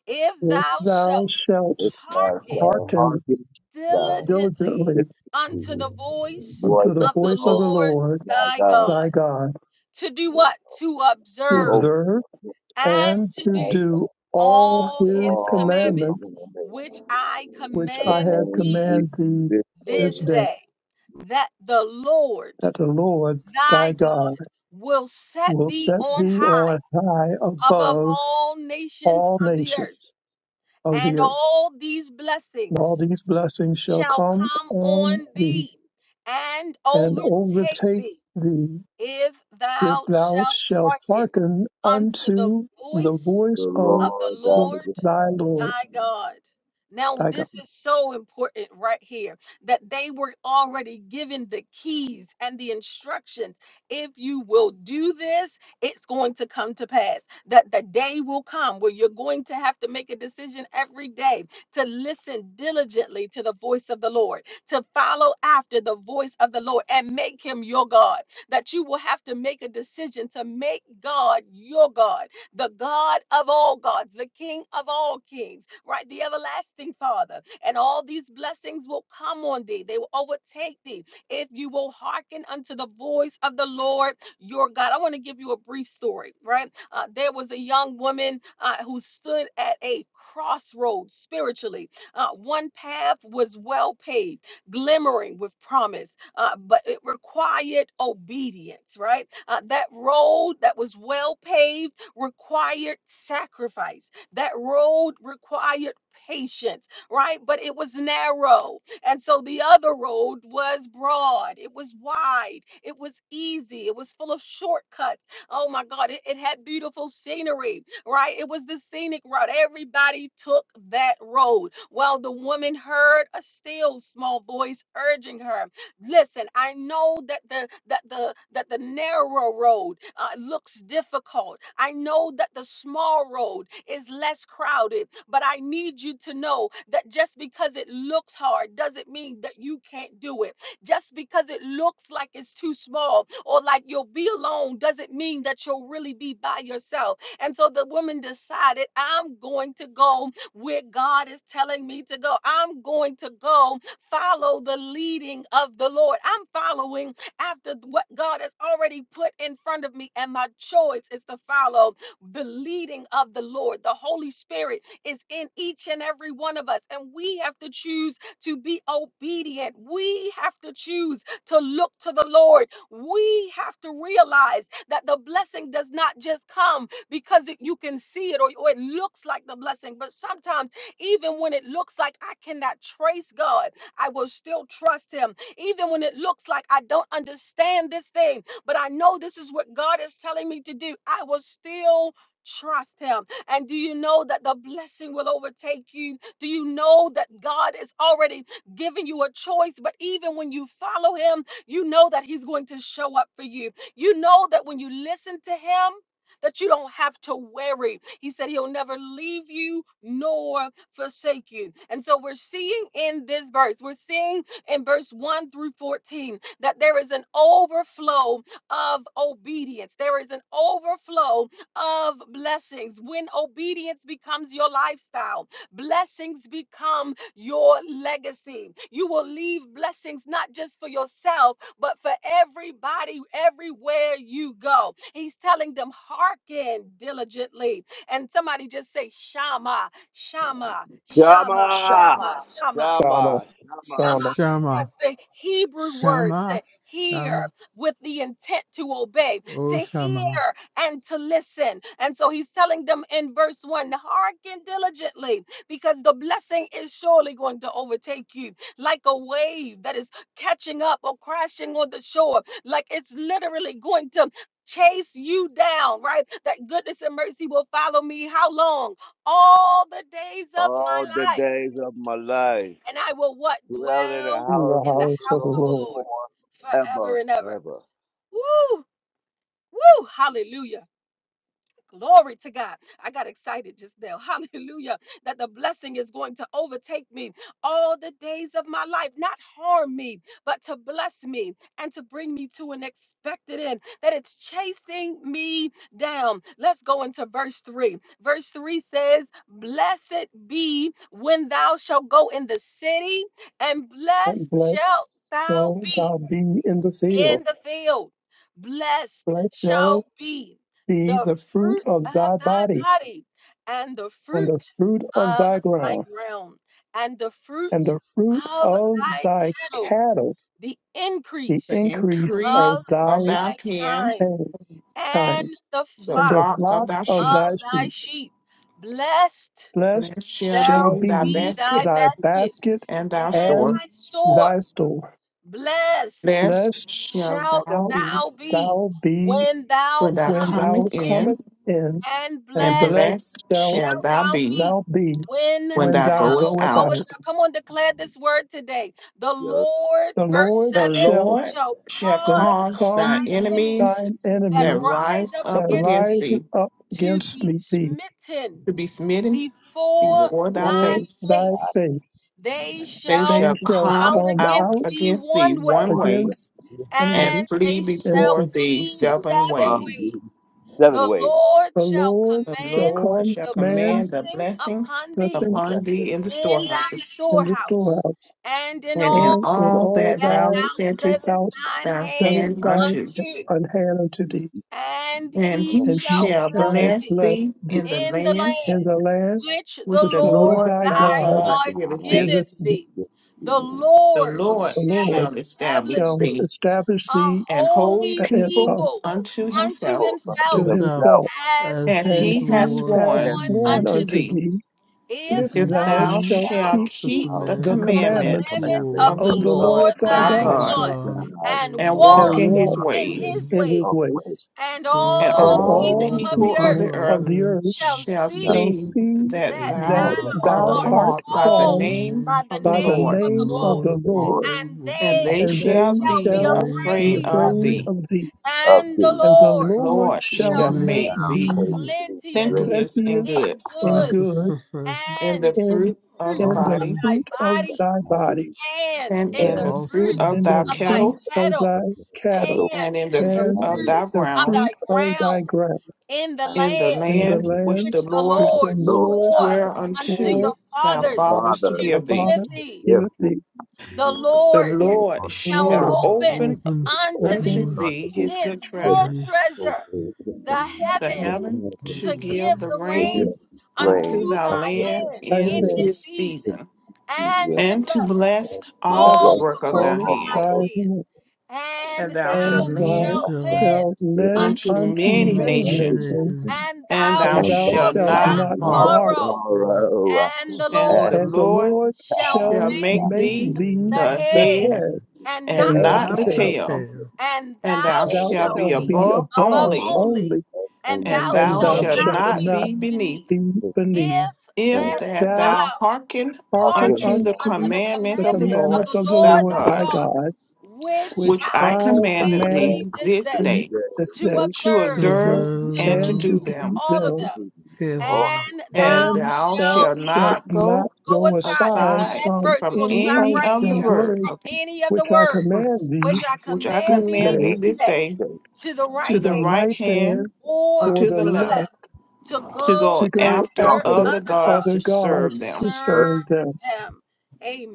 S2: if
S15: If
S2: thou
S15: thou
S2: shalt
S15: shalt
S9: It shall
S2: hearken
S9: shall
S15: hearken
S9: hearken God.
S2: diligently
S15: diligently
S2: unto the
S9: The
S2: voice
S9: voice
S15: unto the
S9: of
S2: of
S9: the
S2: the
S15: voice of
S9: Lord
S15: the
S2: Lord
S15: Lord
S9: my
S2: thy God.
S9: God.
S15: thy God,
S2: To do what? To
S15: to
S9: To
S2: observe
S9: open
S15: observe
S9: the
S2: and
S15: and
S2: to
S15: to
S2: do
S9: eyes
S15: do all
S2: all
S9: of
S2: his
S15: his
S9: all the
S2: commandments,
S15: commandments
S9: covenant names.
S2: which I
S15: which I
S2: command
S15: have
S9: Command
S2: thee
S9: thee
S15: commanded thee
S9: this
S15: this
S9: day.
S2: this
S15: day,
S2: day, that the Lord
S15: that the Lord
S2: thy
S15: thy
S2: God
S15: God
S2: will set
S15: will
S2: thee
S15: set
S2: on
S15: thee
S2: high
S15: on high
S2: above
S15: above
S2: all nations
S15: all
S2: of the earth.
S15: nations of
S2: And
S15: the earth.
S2: all these
S15: And all
S2: blessings
S15: these blessings shall
S2: shall
S15: come
S2: come
S15: on
S2: on
S15: thee
S2: thee and
S15: and
S2: overtake
S15: overtake
S2: thee
S15: thee
S2: if
S15: if
S2: thou
S15: thou
S2: shalt
S15: shalt
S2: hearken
S15: hearken
S2: unto the
S15: unto the
S2: voice
S9: The
S15: voice of
S2: of the
S9: Lord thy
S15: the,
S2: Lord
S15: thy
S9: God.
S15: Lord,
S2: my God. Now,
S15: thy God.
S2: this is so important right here that they were already given the keys and the instructions. If you will do this, it's going to come to pass. That the day will come where you're going to have to make a decision every day to listen diligently to the voice of the Lord, to follow after the voice of the Lord and make him your God. That you will have to make a decision to make God your God the God of all gods, the King of all kings, right? The everlasting Father. And all these blessings will come on thee, they will overtake thee if you will hearken unto the voice of the Lord your God. I want to give you a brief story, right? Uh, there was a young woman uh, who stood at a crossroads spiritually. Uh, one path was well paved, glimmering with promise, uh, but it required obedience, right? Uh, that road that was well paved required sacrifice. That road required patience, right? But it was narrow. And so the other road was broad, it was wide, it was easy, it was full of shortcuts. Oh my God, it, it had beautiful scenery, right? It was the scenic route. Everybody took that road. Well, the woman heard a still small voice urging her. Listen, I know that the that the that the narrow road uh, looks difficult. I know that the small road is less crowded, but I need you to know that just because it looks hard doesn't mean that you can't do it. Just because it looks like it's too small or like you'll be alone doesn't mean that you'll really be by yourself. And so the woman decided, I'm going to go where God is telling me to go. I'm going to go follow the leading of the Lord. I'm following after what God has already put in front of me, and my choice is to follow the leading of the Lord. The Holy Spirit is in each and every one of us, and we have to choose to be obedient. We have to choose to look to the Lord. We have to realize that the blessing does not just come because it, you can see it or, or it looks like the blessing, but sometimes, even when it looks like I cannot trace God, I will still trust him. Even when it looks like I don't understand this thing, but I know this is what God is telling me to do, I will still trust him. And do you know that the blessing will overtake you? Do you know that God is already giving you a choice? But even when you follow him, you know that he's going to show up for you. You know that when you listen to him, that you don't have to worry. He said he'll never leave you nor forsake you. And so we're seeing in this verse, we're seeing in verse 1 through 14 that there is an overflow of obedience. There is an overflow of blessings. When obedience becomes your lifestyle, blessings become your legacy. You will leave blessings not just for yourself, but for everybody, everywhere you go. He's telling them, hearken diligently. And somebody just say, Shama, Shama, Shama,
S9: Shama!
S2: Shama,
S8: Shama.
S2: Shama.
S15: Shama,
S9: Shama! Shama!
S2: Shama.
S15: Shama,
S3: Shama,
S2: That's the Hebrew word
S3: Shama,
S2: to hear
S3: Shama,
S2: with the intent to obey, to
S3: oh Shama,
S2: hear and to listen. And so he's telling them in verse 1 hearken diligently because the blessing is surely going to overtake you like a wave that is catching up or crashing on the shore, like it's literally going to. Chase you down, right? That goodness and mercy will follow me. How long? All the days of
S9: all
S2: my
S9: the
S2: life
S9: days of my life.
S2: and I will what?
S9: Dwell in the
S2: Dwell
S15: in the
S9: house of
S2: in the
S15: house
S9: the
S15: of the
S2: house of the
S9: Lord
S15: Lord.
S2: Lord forever
S9: forever,
S2: and ever.
S9: ever.
S2: Woo! Woo! Hallelujah. Glory to God. I got excited just now. Hallelujah. That the blessing is going to overtake me all the days of my life, not harm me, but to bless me and to bring me to an expected end, that it's chasing me down. Let's go into verse 3. Verse 3 says, Blessed be when thou shalt go in the city, and blessed
S15: And blessed
S2: shalt thou
S15: shall
S2: be
S15: thou be in the field.
S2: in the field. Blessed
S15: Blessed shall
S2: shall be
S15: be
S2: the
S15: the fruit
S2: fruit
S15: of thy
S2: of thy
S15: body,
S2: body, and the
S15: and the
S2: fruit
S15: fruit of
S2: of
S15: thy
S2: thy
S15: ground,
S2: ground, and the
S15: and
S2: fruit
S15: the fruit
S2: of
S15: of
S2: thy
S15: thy
S2: cattle,
S15: cattle,
S2: the
S15: the
S1: the
S2: increase
S15: increase of
S2: of
S1: increase of
S15: thy
S1: thy
S2: thy
S1: kin,
S2: kind, and
S15: kind,
S2: the
S1: the
S15: and the
S1: flocks
S2: flocks
S1: of
S15: flocks
S1: thy
S15: of
S1: sheep.
S15: thy
S2: of
S15: sheep
S2: thy sheep. Blessed
S15: Blessed
S1: Blessed shall
S15: shall
S2: shall
S1: be thy
S15: be
S2: be thy
S1: basket
S15: thy
S2: basket
S15: basket
S1: and thy
S2: and
S15: and
S1: store.
S2: thy store.
S15: thy store.
S2: Blessed
S1: Blessed
S15: Blessed
S1: shall
S2: shalt
S1: thou
S15: shalt
S1: be
S2: thou be
S15: thou be
S2: when thou
S1: when thou
S15: when
S2: comest
S15: thou
S1: comest
S2: in,
S1: in,
S15: comest in,
S2: and
S15: and
S1: and
S2: blessed
S15: blessed
S1: blessed
S15: shalt
S1: shall
S2: shalt
S1: thou
S2: thou
S1: be
S2: be
S15: thou be
S2: when
S1: when
S15: when
S1: thou
S15: thou
S1: goest
S2: thou
S15: goest
S1: out.
S2: goest
S15: out.
S2: out. Come on, declare this word today. The
S9: Your
S2: Lord,
S15: The
S2: verse
S15: Lord
S1: The
S2: 7,
S15: shall
S1: Lord
S2: shall
S1: shall
S2: cause
S1: cause thy
S15: overcome
S2: thine enemies
S1: enemies
S15: thine
S2: that
S1: that
S15: enemies
S2: rise
S1: rise
S2: up
S15: that
S1: up
S2: against
S1: against
S2: thee
S15: rise
S1: thee
S15: up
S2: to
S15: against
S2: be
S15: me, thee,
S2: smitten
S1: to be smitten
S2: before
S9: lips
S1: before
S9: is
S2: thy
S1: thy
S15: or
S1: face.
S15: thy
S2: face.
S15: faith.
S2: They
S1: They
S15: They
S2: shall
S1: shall
S2: come
S15: shall
S1: come
S2: out
S15: come
S2: against
S1: out
S15: out
S2: thee
S1: against thee
S2: one way
S1: one
S9: one
S1: way
S9: way,
S15: against one
S1: and
S15: way,
S2: and
S1: flee
S2: they
S15: and
S2: shall
S1: before thee
S2: flee
S9: two
S1: seven
S2: seven
S9: from
S1: ways.
S9: you,
S2: ways.
S9: seven
S2: The
S9: ways.
S2: Lord
S15: The
S2: shall
S15: Lord
S1: The
S15: shall
S2: command
S1: Lord
S15: come,
S1: shall
S2: the
S15: man,
S1: command the
S2: blessing
S1: blessing
S2: upon thee
S9: And I
S15: blessing
S9: bless
S1: upon thee
S9: him,
S1: in the
S2: in thy
S1: storehouses
S15: in the
S2: storehouse
S15: storehouse,
S2: and in
S1: and in
S2: all
S15: and in
S1: all
S15: all
S1: that
S2: that
S1: thou
S15: thy
S2: thou
S1: settest
S2: settest
S15: thou
S2: thine
S1: thy
S15: settest
S2: hand
S1: hand
S15: thine
S1: unto.
S2: unto,
S15: an hand unto thee,
S2: and
S1: And
S2: he
S1: he
S15: and he
S2: shall
S1: shall
S15: shall
S2: bless
S1: bless
S2: thee
S15: bless
S1: thee
S15: thee.
S1: in the
S2: in the
S1: land
S15: In
S2: land
S15: the land
S2: which
S1: which
S2: the
S15: which
S1: the
S15: the
S2: Lord
S15: Lord
S1: Lord
S15: thy
S1: thy
S2: thy
S15: God
S9: thank
S1: God
S2: God
S1: giveth
S9: God,
S1: thee.
S2: giveth
S15: giveth thee,
S2: thee.
S9: this
S2: The
S9: evening.
S1: The
S2: Lord
S9: And it
S1: Lord
S15: the
S2: shall
S15: Lord
S1: shall establish
S2: establish
S9: was
S15: shall
S2: thee
S1: thee
S15: establish
S2: a
S15: thee
S1: an holy
S2: holy
S15: uh,
S1: people
S15: uh,
S2: people
S1: unto
S2: unto
S1: himself
S9: full unto
S15: to
S2: himself,
S3: yourself
S9: himself,
S15: himself,
S2: as
S3: as
S1: as
S3: she
S15: and
S2: he
S1: he
S9: and
S2: hath
S1: has
S15: he
S3: swore to
S15: hath
S9: kept
S1: sworn
S2: sworn
S15: sworn
S3: you,
S2: unto
S1: unto
S15: unto
S2: thee.
S1: thee.
S15: thee,
S3: if
S2: If
S15: if
S1: If
S3: you
S9: it
S15: thou
S2: thou
S1: thou
S3: keep
S15: shalt
S9: down
S2: shalt
S1: shalt
S15: keep
S3: the
S2: keep
S1: keep
S9: now,
S1: the
S15: the
S9: and
S3: commandments
S2: the
S3: of
S15: commandments
S9: from
S1: commandments
S3: the
S2: commandments of
S9: heaven
S1: of
S3: Lord
S1: the
S2: the
S15: of the
S9: of
S1: Lord
S2: Lord
S9: the
S15: Lord thy
S1: thy
S2: thy
S9: Lord,
S15: God,
S3: your
S1: God,
S2: God,
S9: and God,
S3: God
S2: and
S3: and
S1: and
S9: and
S3: walk
S15: and
S1: walk
S2: walk
S1: in
S3: in
S9: God
S1: his
S15: walk
S3: his
S2: in
S9: is
S3: ways,
S2: his
S1: ways,
S15: in his
S2: ways,
S9: always,
S15: ways.
S2: and
S1: and
S3: so
S2: all
S15: And
S9: and
S1: all
S15: all
S3: all
S2: people of
S3: the
S9: all.
S2: the
S1: people of
S15: people
S3: people
S2: earth
S1: the
S3: of
S15: of
S1: earth
S15: the
S3: earth
S15: earth
S2: shall
S3: will
S1: shall
S3: see
S9: That's
S15: shall
S2: see
S1: see
S15: see
S1: that
S3: that
S2: that thou
S15: that
S3: you
S1: thou
S3: are
S1: art
S9: that's
S15: thou
S9: the
S2: art
S15: art
S3: called
S1: called
S3: by
S1: by the
S3: the
S2: called
S15: called
S1: name
S2: by
S3: name
S2: the
S1: of the
S15: by the
S3: of
S2: name
S1: Lord,
S3: the
S2: of the
S15: name of
S2: Lord,
S3: Lord,
S15: the
S3: that
S9: Lord.
S15: Lord,
S3: they
S2: and
S3: will
S1: and
S3: be
S2: they
S9: I'm
S1: they
S15: and
S9: going
S15: they
S1: shall
S2: shall be
S1: be
S15: shall
S3: afraid
S15: be
S1: afraid
S3: of
S2: afraid of
S1: of
S15: afraid
S3: you,
S1: thee.
S2: thee,
S15: of thee.
S2: and the
S9: thee.
S15: And the
S1: The
S2: Lord
S15: Lord
S1: Lord
S3: will
S15: shall
S2: shall
S1: shall
S3: make
S9: Thou
S15: make
S1: make
S2: make thee
S1: thee
S15: thee
S9: great
S3: you
S9: thee,
S2: plenteous
S3: now
S9: great
S1: plenteous in
S15: plenteous
S2: in
S1: goods,
S15: in
S3: process
S2: goods
S15: good,
S3: often,
S1: in
S2: and
S1: the
S2: in
S15: in,
S1: fruit
S2: the
S1: of
S2: fruit
S1: the
S15: in the
S2: of
S1: body
S3: often
S2: thy
S15: fruit of
S2: body,
S15: thy
S9: I
S15: body,
S9: thee.
S2: and
S1: and
S2: in
S1: in
S2: the
S1: the
S15: and
S1: fruit
S2: fruits
S1: of
S15: in
S1: thy
S15: the
S2: of thy
S15: fruit
S1: cattle,
S15: of
S2: cattle,
S15: thy
S9: the
S15: cattle,
S9: vessel
S1: and
S2: and
S1: in the
S2: in the
S1: fruit
S15: and
S1: of
S9: only
S1: thy
S2: fruits
S15: the
S2: of
S1: ground,
S2: thy
S15: fruit of thy
S2: ground,
S15: ground,
S2: in the
S9: and
S1: in the
S2: land
S15: in the
S1: land which
S15: land
S2: which
S1: the
S2: the
S1: Lord
S15: which
S9: the
S15: the
S2: Lord
S9: Lord
S15: Lord
S9: thy
S2: swore
S1: sware
S9: God,
S2: unto
S15: For
S2: your
S1: unto thy
S9: your
S2: fathers
S1: fathers to
S2: to
S9: Father,
S15: our
S1: give thee.
S2: give
S15: Father,
S2: thee.
S15: give
S9: give
S15: us
S9: thee
S15: the
S2: The
S1: The
S2: Lord
S9: thee the Lord,
S1: Lord
S2: shall
S15: Lord,
S1: shall
S3: will
S9: give
S2: open
S9: thee
S1: open
S3: open
S9: the
S2: unto thee
S1: unto
S15: open,
S3: to
S9: Lord,
S1: thee his
S2: his
S1: good
S2: good
S1: treasure,
S3: me.
S2: treasure,
S9: give
S2: the
S1: the
S2: heaven,
S1: heaven,
S9: the
S2: to
S1: to
S2: give
S1: give the
S2: the
S15: give
S1: rain
S2: rain
S1: unto
S9: grain
S2: unto
S1: thy
S9: of
S2: thy
S1: land
S9: heaven.
S2: land
S15: thy
S1: in
S2: in
S9: here
S2: his
S15: hand,
S1: his
S2: season,
S1: season,
S9: is
S2: and to
S1: and to
S2: bless
S1: bless
S9: And
S1: all the
S9: thou
S15: thus
S2: all
S1: work
S2: the
S1: of
S2: work
S1: thy
S15: all
S2: of
S1: hand.
S2: thine
S15: thy
S2: hand.
S15: hand,
S2: And
S1: And thou
S2: thou
S1: shalt
S15: and
S3: And you
S15: thou
S2: shalt
S1: lend
S3: shall
S2: lend
S15: shalt lend
S1: unto
S2: unto
S15: unto
S2: many
S1: many
S15: many
S3: know
S2: nations,
S3: the
S1: nations
S15: nations,
S3: nations,
S2: and
S1: and
S2: thou
S1: thou
S15: and thou
S1: shalt
S2: shalt
S3: and you
S15: shalt
S1: not
S9: shalt
S2: not
S3: shall
S15: not
S9: not
S3: not.
S15: borrow.
S1: borrow.
S2: borrow.
S3: Oh,
S9: borrow
S2: And the
S1: And
S9: and
S2: Lord
S1: the
S15: And
S3: listen.
S15: the
S1: Lord
S9: thou
S15: Lord
S2: shall
S1: shall
S15: shall
S2: make
S9: shalt
S1: make
S15: make
S9: not
S2: thee
S1: thee
S2: the
S15: thee
S1: the
S15: the
S2: head
S1: head
S15: head
S2: and not
S9: steal,
S15: and
S1: and
S3: and
S15: not
S2: the
S1: not
S15: the
S3: not
S1: the
S3: the
S2: tail
S15: tail.
S1: tail,
S3: tail,
S2: and
S1: and thou
S2: thou
S9: and
S15: Thou
S1: shalt
S9: thou
S2: shalt
S1: be
S9: shalt and thou
S15: shalt
S2: be
S15: be
S1: above
S9: shalt not
S2: above
S15: above
S1: only,
S9: borrow
S2: only,
S15: only,
S9: and
S2: and
S9: Only
S1: and
S2: thou
S15: and
S3: and
S1: thou
S9: and
S2: shalt
S15: thou
S3: not
S1: shalt
S9: number
S3: the
S2: not
S15: shalt
S9: thirty
S1: not
S2: be
S15: not
S1: be
S2: beneath.
S1: beneath.
S15: be
S9: six
S15: beneath.
S3: knee,
S2: If
S1: If
S9: and
S2: that
S15: If
S1: that
S15: thou
S2: thou
S1: thou hearken
S9: not
S15: hearken
S9: your
S2: hearken
S1: unto the
S9: name.
S2: unto
S15: unto
S2: the
S1: commandments
S15: the
S1: of the
S2: commandment of
S1: Lord
S15: commandments
S2: the
S15: of the
S1: thy
S2: Lord
S15: Lord
S2: thy
S15: thy
S1: God,
S2: God,
S15: God,
S2: which
S15: which
S1: which I
S2: I
S15: I
S9: You're not
S1: commanded
S9: the
S2: command
S15: command
S1: thee
S2: thee this
S1: this
S2: day
S9: man who's
S15: thee
S1: day,
S9: the
S15: this
S2: to
S15: day,
S1: to
S2: observe
S15: to
S3: to
S1: observe
S15: observe
S3: serve
S2: to
S1: and to
S15: and
S3: them
S1: do
S15: to
S2: do
S1: them.
S15: do
S2: all of
S15: them,
S2: them.
S9: Oh
S3: carefully.
S2: And thou
S1: and
S15: and
S1: thou
S15: thou
S2: shalt
S1: shalt
S15: shalt
S1: not
S2: not
S15: not
S1: go
S2: go
S15: go
S2: aside. This is
S15: aside
S2: the
S1: aside
S2: last
S15: from
S2: verse. We're
S1: from
S2: going to
S15: any
S2: stop
S15: of
S1: any
S2: right
S1: of
S15: the
S1: the
S2: here.
S1: words,
S2: From
S15: words
S1: okay,
S2: any of the
S15: which I
S2: words
S15: command
S1: words,
S2: which
S15: thee
S2: I
S1: which I
S2: command
S15: this
S2: thee
S1: command
S9: man,
S1: thee
S15: day
S2: this
S1: this
S2: day
S9: you
S1: day
S9: say,
S2: to the
S1: to
S15: to
S2: right
S15: the
S1: the
S2: hand
S1: right
S15: right
S1: hand
S15: hand
S2: or
S1: or
S15: or
S1: to
S15: the
S1: the
S2: to the
S1: left,
S2: left,
S15: left
S2: to
S1: to
S2: go
S1: go
S15: to go
S1: after
S9: come
S2: after
S9: and
S15: after
S1: other
S2: other
S1: gods
S2: gods,
S15: other
S1: to serve
S15: gods
S2: to
S15: to
S1: them.
S2: serve
S15: serve them.
S2: them.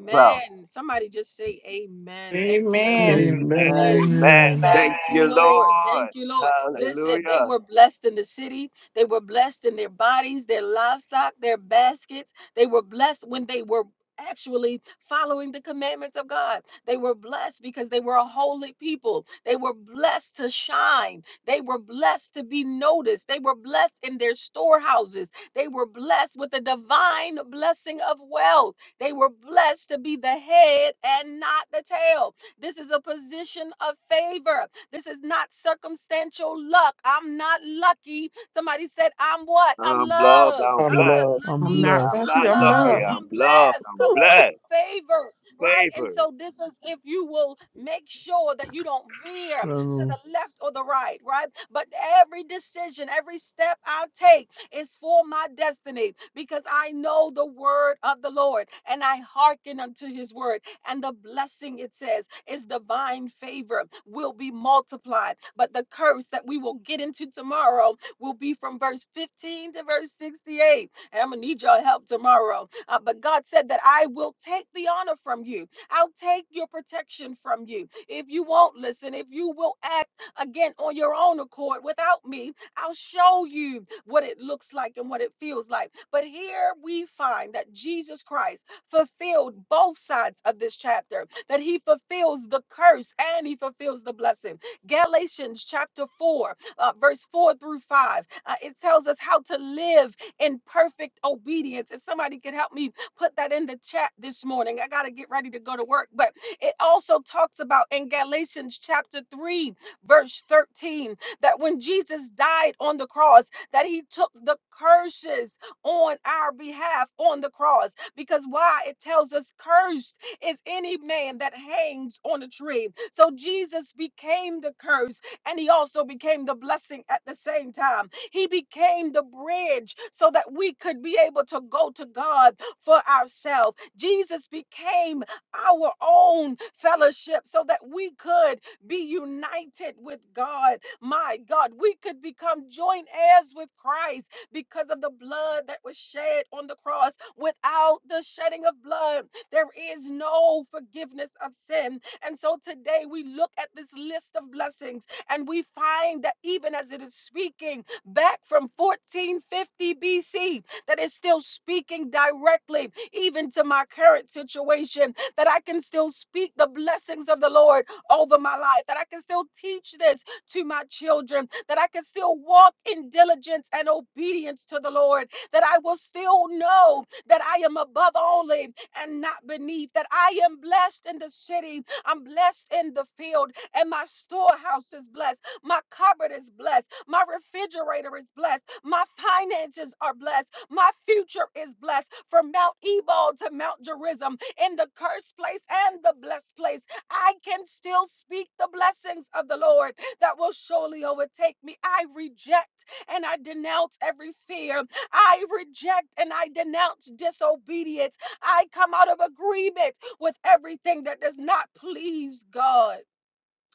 S9: serve
S2: Somebody just say amen. Thank you, Lord.
S1: Amen.
S15: Amen.
S2: Amen.
S3: Amen,
S9: Amen.
S3: amen.
S9: Thank
S2: Thank
S9: you,
S2: you,
S8: Amen.
S2: Lord.
S9: Lord.
S2: Thank you, Lord. Listen, they
S9: Hallelujah.
S2: were blessed in the city. They were blessed in their bodies, their livestock, their baskets. They were blessed when they were actually following the commandments of God. They were blessed because they were a holy people. They were blessed to shine. They were blessed to be noticed. They were blessed in their storehouses. They were blessed with the divine blessing of wealth. They were blessed to be the head and not the tail. This is a position of favor. This is not circumstantial luck. I'm not lucky. Somebody said, I'm what? I'm
S9: I'm loved. I'm
S2: loved.
S15: I'm
S2: I'm not
S9: blessed.
S15: love.
S3: I'm
S1: I'm
S2: lucky.
S1: not
S9: I'm
S3: blessed.
S1: lefty,
S2: I'm
S9: not
S1: I'm
S2: loved.
S9: lucky.
S1: loved.
S9: I'm
S2: I'm
S9: loved.
S2: blessed.
S9: I'm
S2: Come on. I'm
S9: blessed.
S2: favored. Right? And
S9: Favored.
S2: so, this is if you will make sure that you don't veer to
S3: Reynolds,
S2: the left or the right. Right? But every decision, every step I take is for my destiny because I know the word of the Lord and I hearken unto his word and the blessing, it says, is divine favor will be multiplied. But the curse that we will get into tomorrow will be from verse 15 to verse 68. And I'm going to need your help tomorrow. Uh, but God said that I will take the honor from you, I'll take your protection from you. If you won't listen, if you will act again on your own accord without me, I'll show you what it looks like and what it feels like. But here we find that Jesus Christ fulfilled both sides of this chapter, that he fulfills the curse and he fulfills the blessing. Galatians chapter 4, uh, verse 4 through 5, uh, it tells us how to live in perfect obedience. If somebody could help me put that in the chat this morning, I got to get ready to go to work. But it also talks about in Galatians chapter 3, verse 13, that when Jesus died on the cross, that he took the curses on our behalf on the cross. Because why? It tells us, cursed is any man that hangs on a tree. So Jesus became the curse and he also became the blessing at the same time. He became the bridge so that we could be able to go to God for ourselves. Jesus became our own fellowship so that we could be united with God. My God, we could become joint heirs with Christ because of the blood that was shed on the cross. Without the shedding of blood, there is no forgiveness of sin. And so today we look at this list of blessings and we find that even as it is speaking back from 1450 BC, that is still speaking directly even to my current situation, that I can still speak the blessings of the Lord over my life, that I can still teach this to my children, that I can still walk in diligence and obedience to the Lord, that I will still know that I am above only and not beneath, that I am blessed in the city, I'm blessed in the field, and my storehouse is blessed, my cupboard is blessed, my refrigerator is blessed, my finances are blessed, my future is blessed from Mount Ebal to Mount Gerizim, in the cursed place and the blessed place. I can still speak the blessings of the Lord that will surely overtake me. I reject and I denounce every fear. I reject and I denounce disobedience. I come out of agreement with everything that does not please God.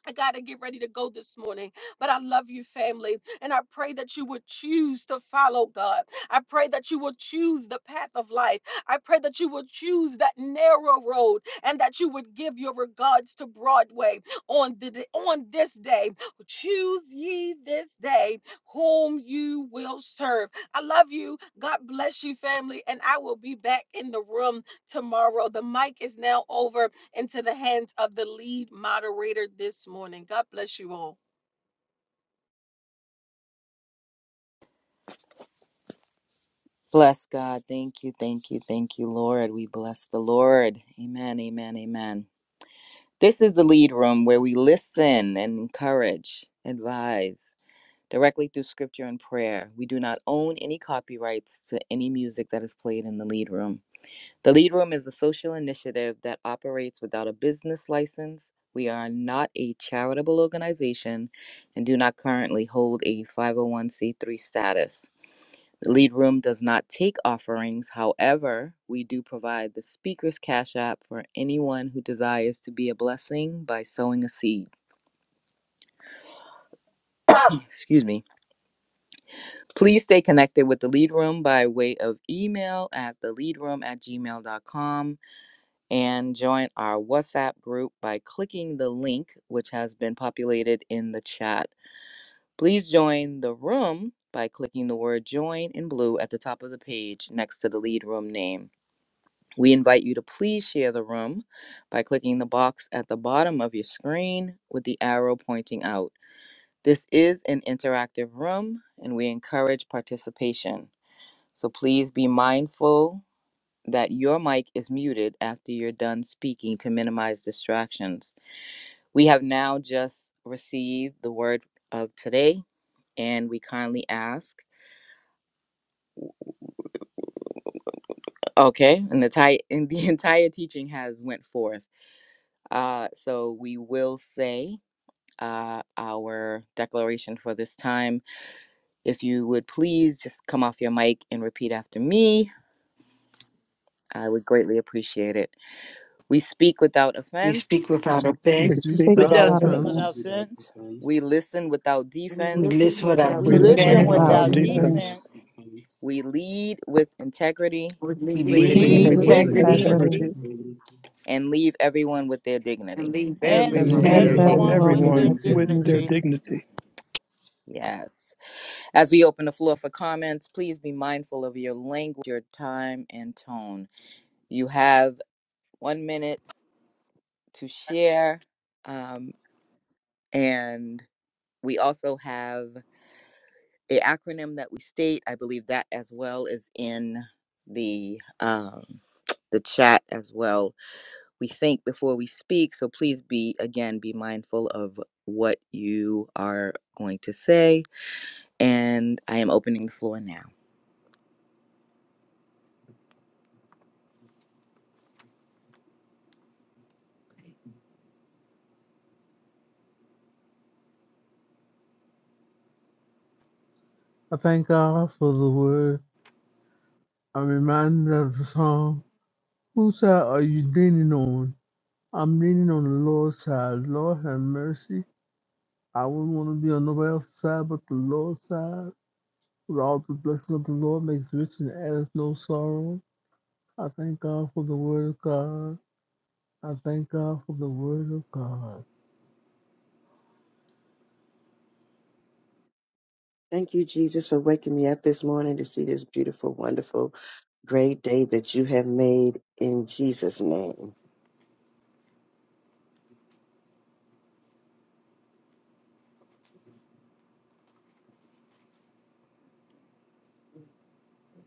S2: I got to get ready to go this morning, but I love you, family. And I pray that you would choose to follow God. I pray that you will choose the path of life. I pray that you will choose that narrow road and that you would give your regards to Broadway on, the, d- on this day. Choose ye this day whom you will serve. I love you. God bless you, family. And I will be back in the room tomorrow. The mic is now over into the hands of the lead moderator this morning. God bless you all.
S16: Bless God. Thank you, thank you, thank you, Lord. We bless the Lord. Amen, amen, amen. This is the lead room where we listen and encourage, advise directly through scripture and prayer. We do not own any copyrights to any music that is played in the lead room. The lead room is a social initiative that operates without a business license. We are not a charitable organization and do not currently hold a 501c3 status. The lead room does not take offerings. However, we do provide the speaker's cash app for anyone who desires to be a blessing by sowing a seed. Excuse me. Please stay connected with the lead room by way of email at theleadroom at gmail.com and join our WhatsApp group by clicking the link which has been populated in the chat. Please join the room by clicking the word join in blue at the top of the page next to the lead room name. We invite you to please share the room by clicking the box at the bottom of your screen with the arrow pointing out. This is an interactive room and we encourage participation. So please be mindful that your mic is muted after you're done speaking to minimize distractions. We have now just received the word of today and we kindly ask okay and the, ti- and the entire teaching has went forth uh, so we will say uh, our declaration for this time. If you would please just come off your mic and repeat after me, I would greatly appreciate it. We speak without
S7: We speak
S16: offense,
S7: without
S3: we
S6: Thank
S15: We
S6: you,
S3: speak
S7: offense.
S15: speak
S11: speak
S4: We
S3: without
S15: without
S4: shall
S11: without
S6: God.
S14: We
S4: speak
S15: offense.
S14: speak
S11: offense,
S4: without
S3: offense,
S14: without
S4: offense.
S16: we
S14: offense.
S16: listen without
S17: When
S7: We
S17: Lucy
S16: defense,
S7: listen
S17: hears
S3: we
S17: how
S7: without
S4: We
S6: We
S15: We
S6: just
S17: do
S11: releasing
S3: listen
S4: listen
S15: listen
S6: got
S14: We
S17: things
S3: without
S7: defense.
S11: without
S15: without
S6: to
S4: without
S14: listen
S6: pass.
S11: grievance,
S15: defense.
S14: without
S3: defense,
S4: defense.
S14: offense.
S16: we lead with integrity,
S17: would
S7: We
S17: lead
S4: We
S17: with
S15: We
S11: we
S3: we
S7: lead with
S15: lead
S11: lead
S4: lead
S3: lead
S11: with
S6: Lord,
S17: integrity
S15: with
S3: with
S14: We
S4: with
S14: live
S7: integrity
S3: integrity,
S14: with
S11: integrity,
S4: integrity
S15: integrity
S3: we
S14: integrity.
S16: and leave everyone with their
S17: and
S16: dignity.
S17: leave
S7: and
S4: and
S15: and
S4: leave
S17: everyone
S11: and
S3: lead
S17: with
S6: Hallelujah.
S11: leave
S17: their
S15: leave
S11: every
S7: everyone
S14: And
S4: everyone
S3: everyone
S7: with
S11: everyone
S3: with
S17: dignity.
S4: with
S14: then
S11: with
S4: their
S11: their
S15: everyone
S14: we
S3: integrity.
S15: with
S14: will
S7: dignity.
S14: be
S11: dignity.
S15: their
S4: dignity.
S14: with
S15: dignity.
S16: Yes. As we open the floor for comments, please be mindful of your language, your time, and tone. You have one minute to share. Um, and we also have a acronym that we state. I believe that as well is in the um, the chat as well. We think before we speak, so please be again be mindful of what you are going to say. And I am opening the floor now.
S3: I thank God for the word. I'm reminded of the song, Whose side are you leaning on? I'm leaning on the Lord's side. Lord have mercy. I wouldn't want to be on nobody else's side but the Lord's side. With all the blessings of the Lord makes rich and adds no sorrow. I thank God for the word of God. I thank God for the word of God.
S18: Thank you, Jesus, for waking me up this morning to see this beautiful, wonderful, great day that you have made in Jesus' name.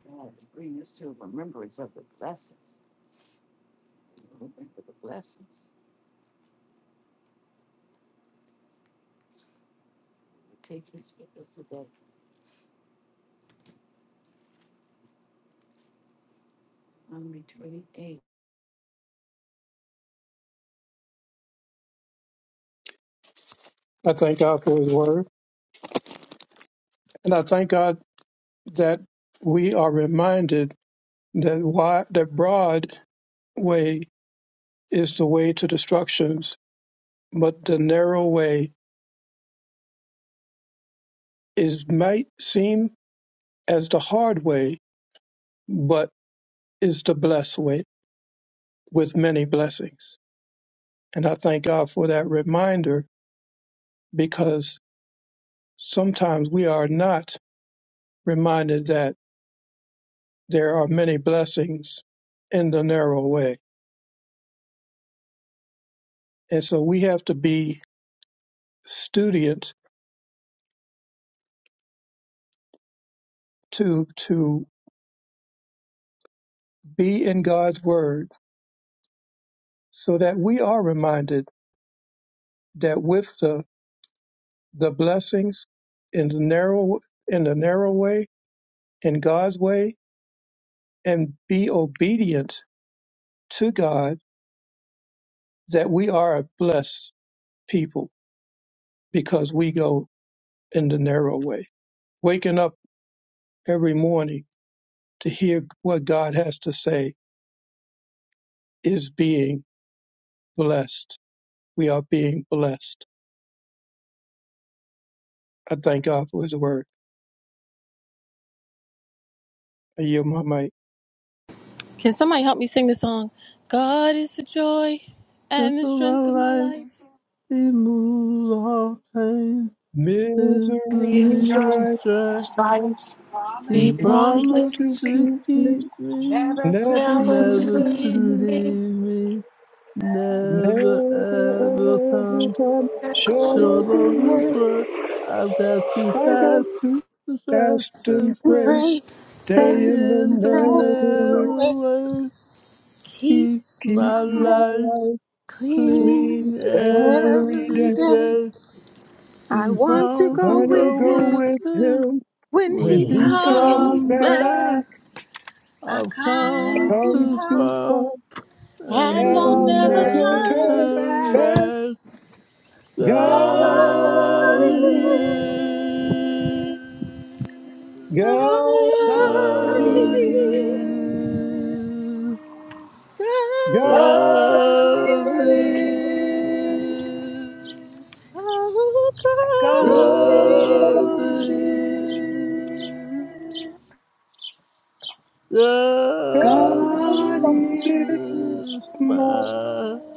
S17: God, bring us to remembrance of the blessings. Remember the blessings. Take this with us today. Number 28.
S15: I thank God for His Word, and I thank God that we are reminded that why the broad way is the way to destructions, but the narrow way is might seem as the hard way, but is the blessed way with many blessings. And I thank God for that reminder because sometimes we are not reminded that there are many blessings in the narrow way. And so we have to be students to to be in God's word so that we are reminded that with the the blessings in the narrow in the narrow way, in God's way, and be obedient to God, that we are a blessed people because we go in the narrow way. Waking up every morning to hear what God has to say is being blessed. We are being blessed. I thank God for His word. I yield my mic.
S2: Can somebody help me sing the song? God is the joy
S3: Just
S2: and the
S3: in my
S2: strength of my
S3: life,
S2: life.
S3: He moves all pain, misery,
S15: Misery
S1: Jesus
S8: Your
S3: and
S15: strike.
S3: strife.
S1: Christ,
S3: He
S1: he
S15: You
S8: me,
S15: wants us to
S3: promised
S1: promised
S3: to
S15: keep me.
S3: keep me,
S8: never
S15: Never,
S8: to
S1: never
S15: leave
S1: to
S8: leave
S3: never to
S8: me
S1: leave
S15: me,
S1: me.
S3: leave me, never
S15: never
S3: ever come
S15: every time.
S1: and call
S15: Short
S1: me
S15: of
S3: Short of
S1: my
S15: His
S3: this
S15: word,
S3: word, I've got to
S15: I got
S3: fast,
S15: to
S3: to fast
S15: fast
S3: and
S15: and
S3: pray.
S15: pray.
S2: Pray,
S3: Stay
S15: Stay
S2: save,
S1: house.
S15: in the
S3: in the
S15: narrow way.
S3: narrow way.
S2: keep
S3: Keep
S15: Keep
S3: my
S2: my
S15: my
S2: life
S3: life
S15: life
S2: clean
S15: clean
S3: clean
S15: every
S2: every
S3: every
S15: day.
S2: day.
S3: day.
S2: I
S3: Be
S2: want to
S3: found
S2: go
S3: to
S15: Wanna
S2: with
S3: go
S15: go
S2: him
S3: with
S15: with
S3: him
S15: Him
S2: when
S3: when
S15: When
S2: he
S3: he
S15: he comes
S3: comes
S2: comes
S8: comes
S15: back,
S2: back.
S3: back.
S8: back
S2: I
S3: I've
S2: come
S3: come
S2: too
S15: come
S3: too
S8: home
S2: far
S15: to fun,
S3: far and
S2: and
S8: to
S15: and
S2: I'll
S3: I'll
S15: I'll
S2: never
S15: never
S8: never
S3: never
S2: turn
S8: come
S15: turn
S3: turn
S2: back.
S15: back.
S8: back.
S3: back. my
S2: God
S15: God
S8: God
S15: is,
S2: is
S8: is.
S15: God is,
S8: God is. God is. God
S15: God,
S8: is. God
S15: God,
S3: own.
S15: God
S8: is
S15: is my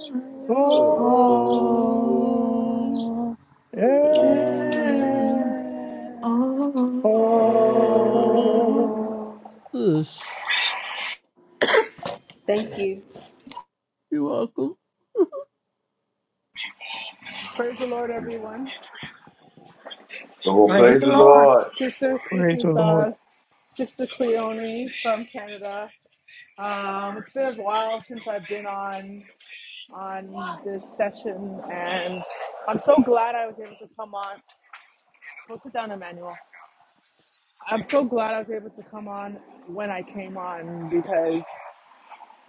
S1: Oh,
S15: all
S8: all
S15: and
S1: oh,
S8: and
S1: oh.
S15: all.
S8: all.
S3: Yes, you're welcome.
S8: Praise the Lord, everyone.
S9: Oh,
S1: Praise
S9: praise
S1: the
S9: the
S8: This is
S1: Lord.
S9: Lord.
S8: Sister. This
S15: Praise the
S8: is
S15: Lord.
S8: uh, Sister Cleone from Canada. Um, it's been a while since I've been on on this session, and I'm so glad I was able to come on. Go sit down, Emmanuel. I'm so glad I was able to come on when I came on because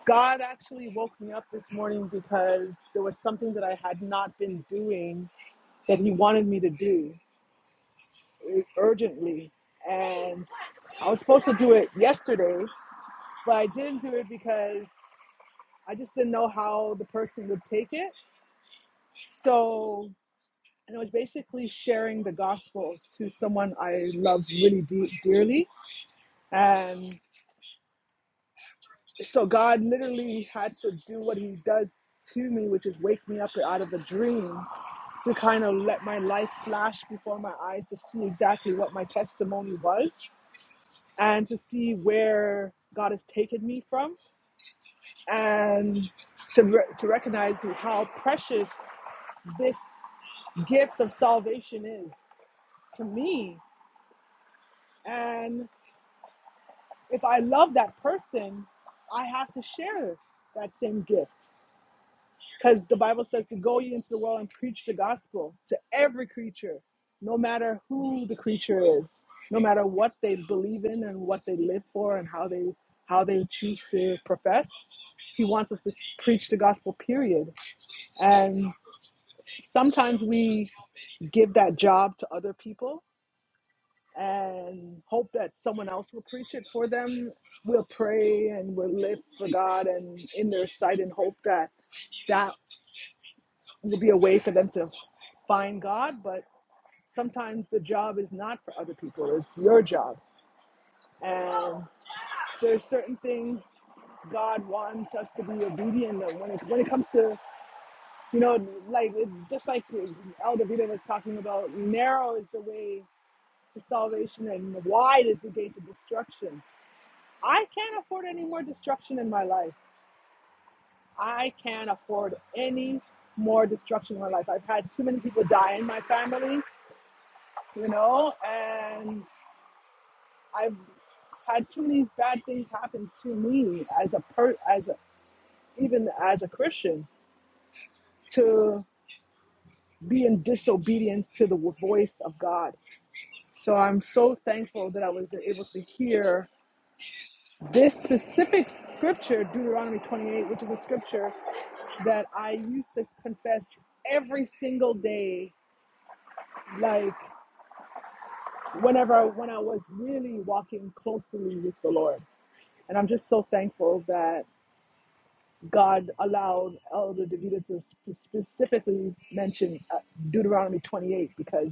S8: God actually woke me up this morning because there was something that I had not been doing that He wanted me to do. urgently and I was supposed to do it yesterday, but I didn't do it because I just didn't know how the person would take it. So, and it was basically sharing the gospel to someone I love really de- dearly. And so God literally had to do what he does to me, which is wake me up out of the dream to kind of let my life flash before my eyes to see exactly what my testimony was. and to see where God has taken me from and to, re- to recognize how precious this gift of salvation is to me. And if I love that person, I have to share that same gift. Because the Bible says to go ye into the world and preach the gospel to every creature, no matter who the creature is, no matter what they believe in and what they live for and how they how they choose to profess. He wants us to preach the gospel, period. And sometimes we give that job to other people and hope that someone else will preach it for them. We'll pray and we'll live for God and in their sight and hope that that to be a way for them to find God, but sometimes the job is not for other people, it's your job. And there's certain things God wants us to be obedient to. when it, when it comes to, you know, like it, just like Elder Vita was talking about, narrow is the way to salvation and wide is the gate to destruction. I can't afford any more destruction in my life. I can't afford any more destruction in my life. I've had too many people die in my family you know, and I've had too many bad things happen to me as a per as a, even as a Christian to be in disobedience to the voice of God. So I'm so thankful that I was able to hear this specific scripture, Deuteronomy 28, which is a scripture that I used to confess every single day, like whenever when I was really walking closely with the Lord. And I'm just so thankful that God allowed Elder Davida to sp- specifically mention uh, Deuteronomy 28 because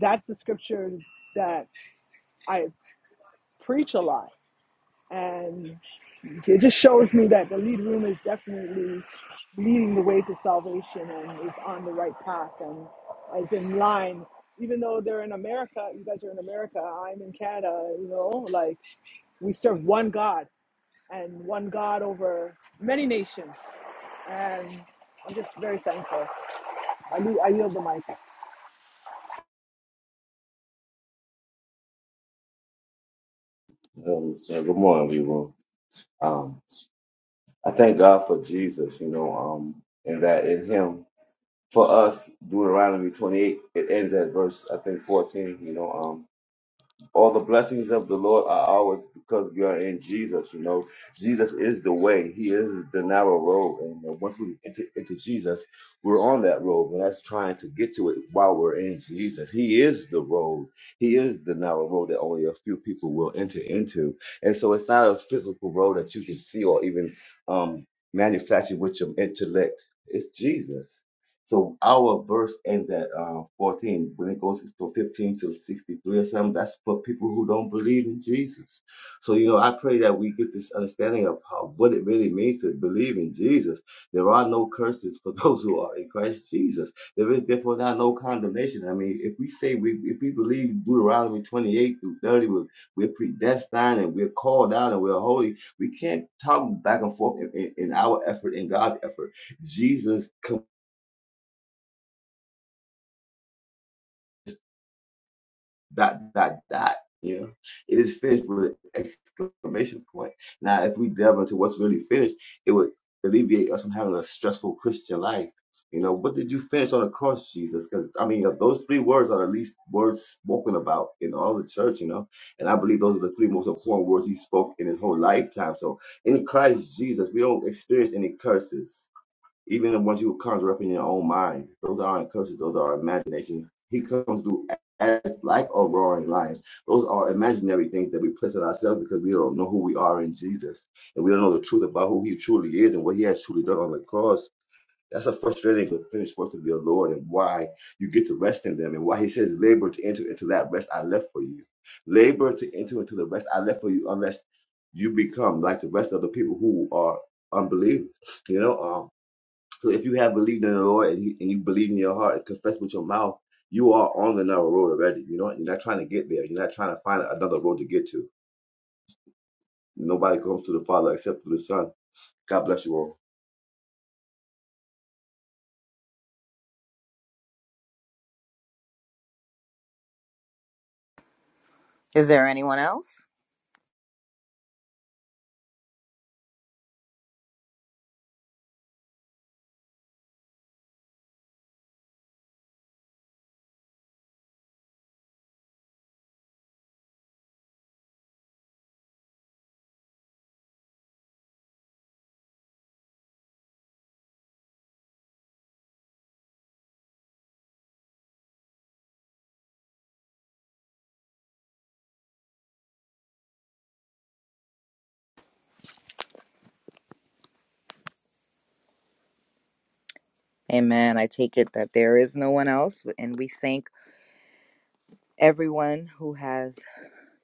S8: that's the scripture that I preach a lot. And it just shows me that the lead room is definitely leading the way to salvation and is on the right path and is in line. Even though they're in America, you guys are in America, I'm in Canada, you know, like we serve one God and one God over many nations. And I'm just very thankful. I, do, I yield the mic.
S9: Um, so good morning, people. Um, I thank God for Jesus, you know, um, and that in Him for us, Deuteronomy 28, it ends at verse I think 14, you know. um. all the blessings of the Lord are ours because we are in Jesus. You know, Jesus is the way. He is the narrow road, and uh, once we enter into Jesus, we're on that road. But that's trying to get to it while we're in Jesus. He is the road. He is the narrow road that only a few people will enter into, and so it's not a physical road that you can see or even um, manufacture with your intellect. It's Jesus. So our verse ends at uh, 14. When it goes from 15 to 63 or something, that's for people who don't believe in Jesus. So, you know, I pray that we get this understanding of how, what it really means to believe in Jesus. There are no curses for those who are in Christ Jesus. There is therefore now no condemnation. I mean, if we say we, if we believe Deuteronomy 28 through 30, we're, we're predestined and we're called out and we're holy, we can't talk back and forth in, in, in our effort and God's effort. Jesus dot dot dot. You know, it is finished with an exclamation point. Now, if we delve into what's really finished, it would alleviate us from having a stressful Christian life. You know, what did you finish on the cross, Jesus? Because I mean, uh, those three words are the least words spoken about in all the church. You know, and I believe those are the three most important words he spoke in his whole lifetime. So, in Christ Jesus, we don't experience any curses even what you conjure up in your own mind, those aren't curses, those are imaginations. He comes through as like a roaring lion. Those are imaginary things that we place on ourselves because we don't know who we are in Jesus. And we don't know the truth about who he truly is and what he has truly done on the cross. That's a frustrating but finished work of your Lord and why you get to rest in them and why he says labor to enter into that rest I left for you. Labor to enter into the rest I left for you unless you become like the rest of the people who are unbelievers. You know, um. So if you have believed in the Lord and you, and you believe in your heart and confess with your mouth, you are on the narrow road already. You know, you're not trying to get there. You're not trying to find another road to get to. Nobody comes to the Father except through the Son. God bless you all.
S16: Is there anyone else? Amen. I take it that there is no one else, and we thank everyone who has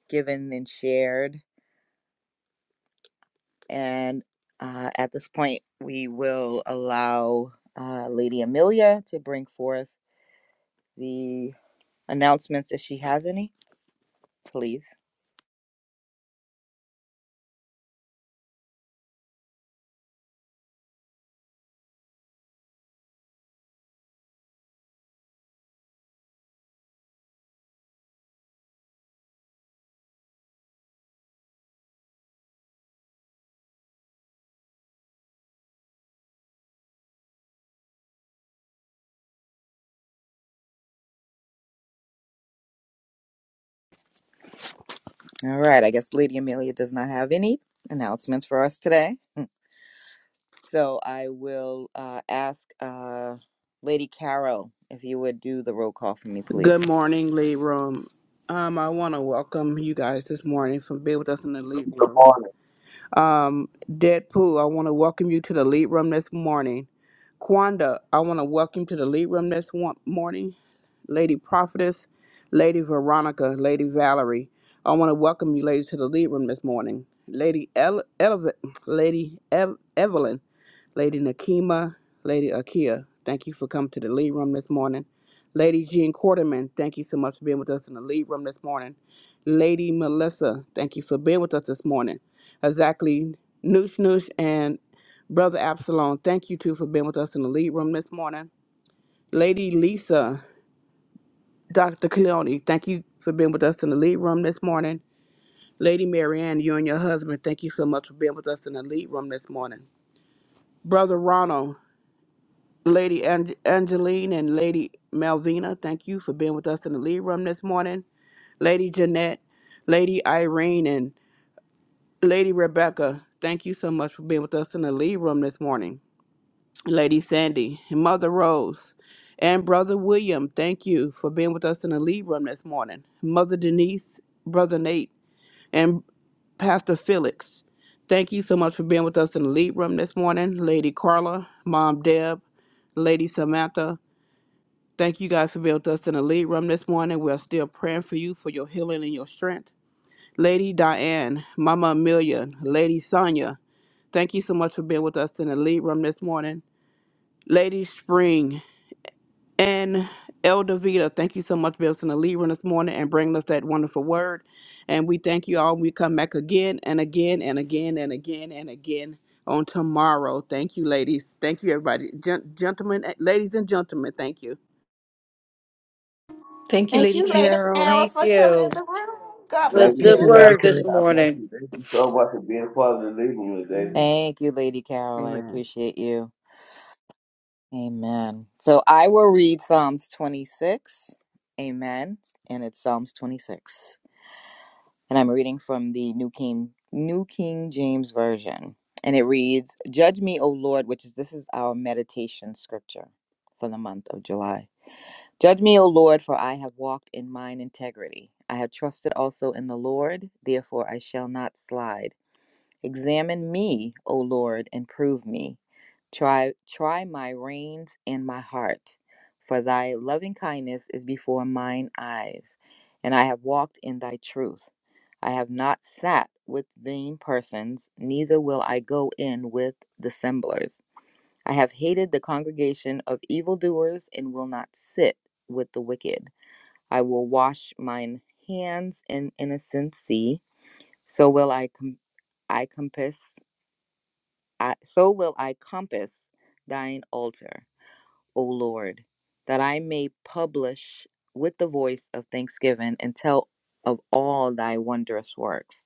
S16: given and shared And uh, at this point, we will allow uh, Lady Amelia to bring forth the announcements if she has any, please. All right, I guess Lady Amelia does not have any announcements for us today. So I will uh, ask uh, Lady Carol if you would do the roll call for me,
S12: Good
S16: please.
S12: morning, Lead Room. Um, I want to welcome you guys this morning from being with us in the Lead
S9: Good
S12: Room.
S9: morning.
S12: Um, Deadpool, I want to welcome you to the Lead Room this morning. Quanda, I want to welcome to the lead room this one morning, Lady Prophetess, Lady Veronica, Lady Valerie. I want to welcome you ladies to the lead room this morning. Lady El- Elev- Lady Ev- Evelyn, Lady Nakima, Lady Akia, thank you for coming to the lead room this morning. Lady Jean Quarterman, thank you so much for being with us in the lead room this morning. Lady Melissa, thank you for being with us this morning. Exactly, Noosh Noosh and Brother Absalom, thank you too for being with us in the lead room this morning. Lady Lisa, Dr. Cleone, thank you for being with us in the lead room this morning. Lady Marianne, you and your husband, thank you so much for being with us in the lead room this morning. Brother Ronald, Lady Ang- Angeline and Lady Malvina, thank you for being with us in the lead room this morning. Lady Jeanette, Lady Irene, and Lady Rebecca, thank you so much for being with us in the lead room this morning. Lady Sandy, and Mother Rose, and Brother William, thank you for being with us in the lead room this morning. Mother Denise, Brother Nate, and Pastor Felix, thank you so much for being with us in the lead room this morning. Lady Carla, Mom Deb, Lady Samantha, Thank you guys for being with us in the lead room this morning. We're still praying for you for your healing and your strength. Lady Diane, Mama Amelia, Lady Sonia, thank you so much for being with us in the lead room this morning. Lady Spring and Elder Vita, thank you so much for being with us in the lead room this morning and bringing us that wonderful word. And we thank you all. We come back again and again and again and again and again on tomorrow. Thank you, ladies. Thank you, everybody. Gen- gentlemen, eh, ladies and gentlemen, thank you.
S2: Thank you,
S1: Thank
S2: Lady
S1: you, Lady
S2: Carol.
S1: Sarah,
S17: Thank
S1: for coming in
S17: you.
S1: the room.
S17: It
S1: God
S17: was
S9: Thank
S1: bless
S9: you,
S15: Thank
S17: good
S9: Miss
S1: you.
S15: you,
S9: Carol.
S15: Lady
S17: word this
S15: Karen.
S9: God bless
S17: morning.
S9: you. Thank you so much for being part of the living room today.
S12: Amen.
S16: Thank you, Lady Carol. I
S12: Amen.
S16: appreciate you. Amen. So I will read Psalms 26. Amen. And it's Psalms 26. and I'm reading from the New King New King James Version. And it reads, "Judge me, O Lord," which is this is our meditation scripture for the month of July. "Judge me, O Lord, for I have walked in mine integrity. I have trusted also in the Lord, therefore I shall not slide. Examine me, O Lord, and prove me. Try try my reins and my heart, for thy loving kindness is before mine eyes, and I have walked in thy truth. I have not sat with vain persons, neither will I go in with dissemblers. I have hated the congregation of evildoers, and will not sit with the wicked. I will wash mine hands in innocency, so will I, com- I compass, I, so will I compass thine altar, O Lord, that I may publish with the voice of thanksgiving and tell of all thy wondrous works.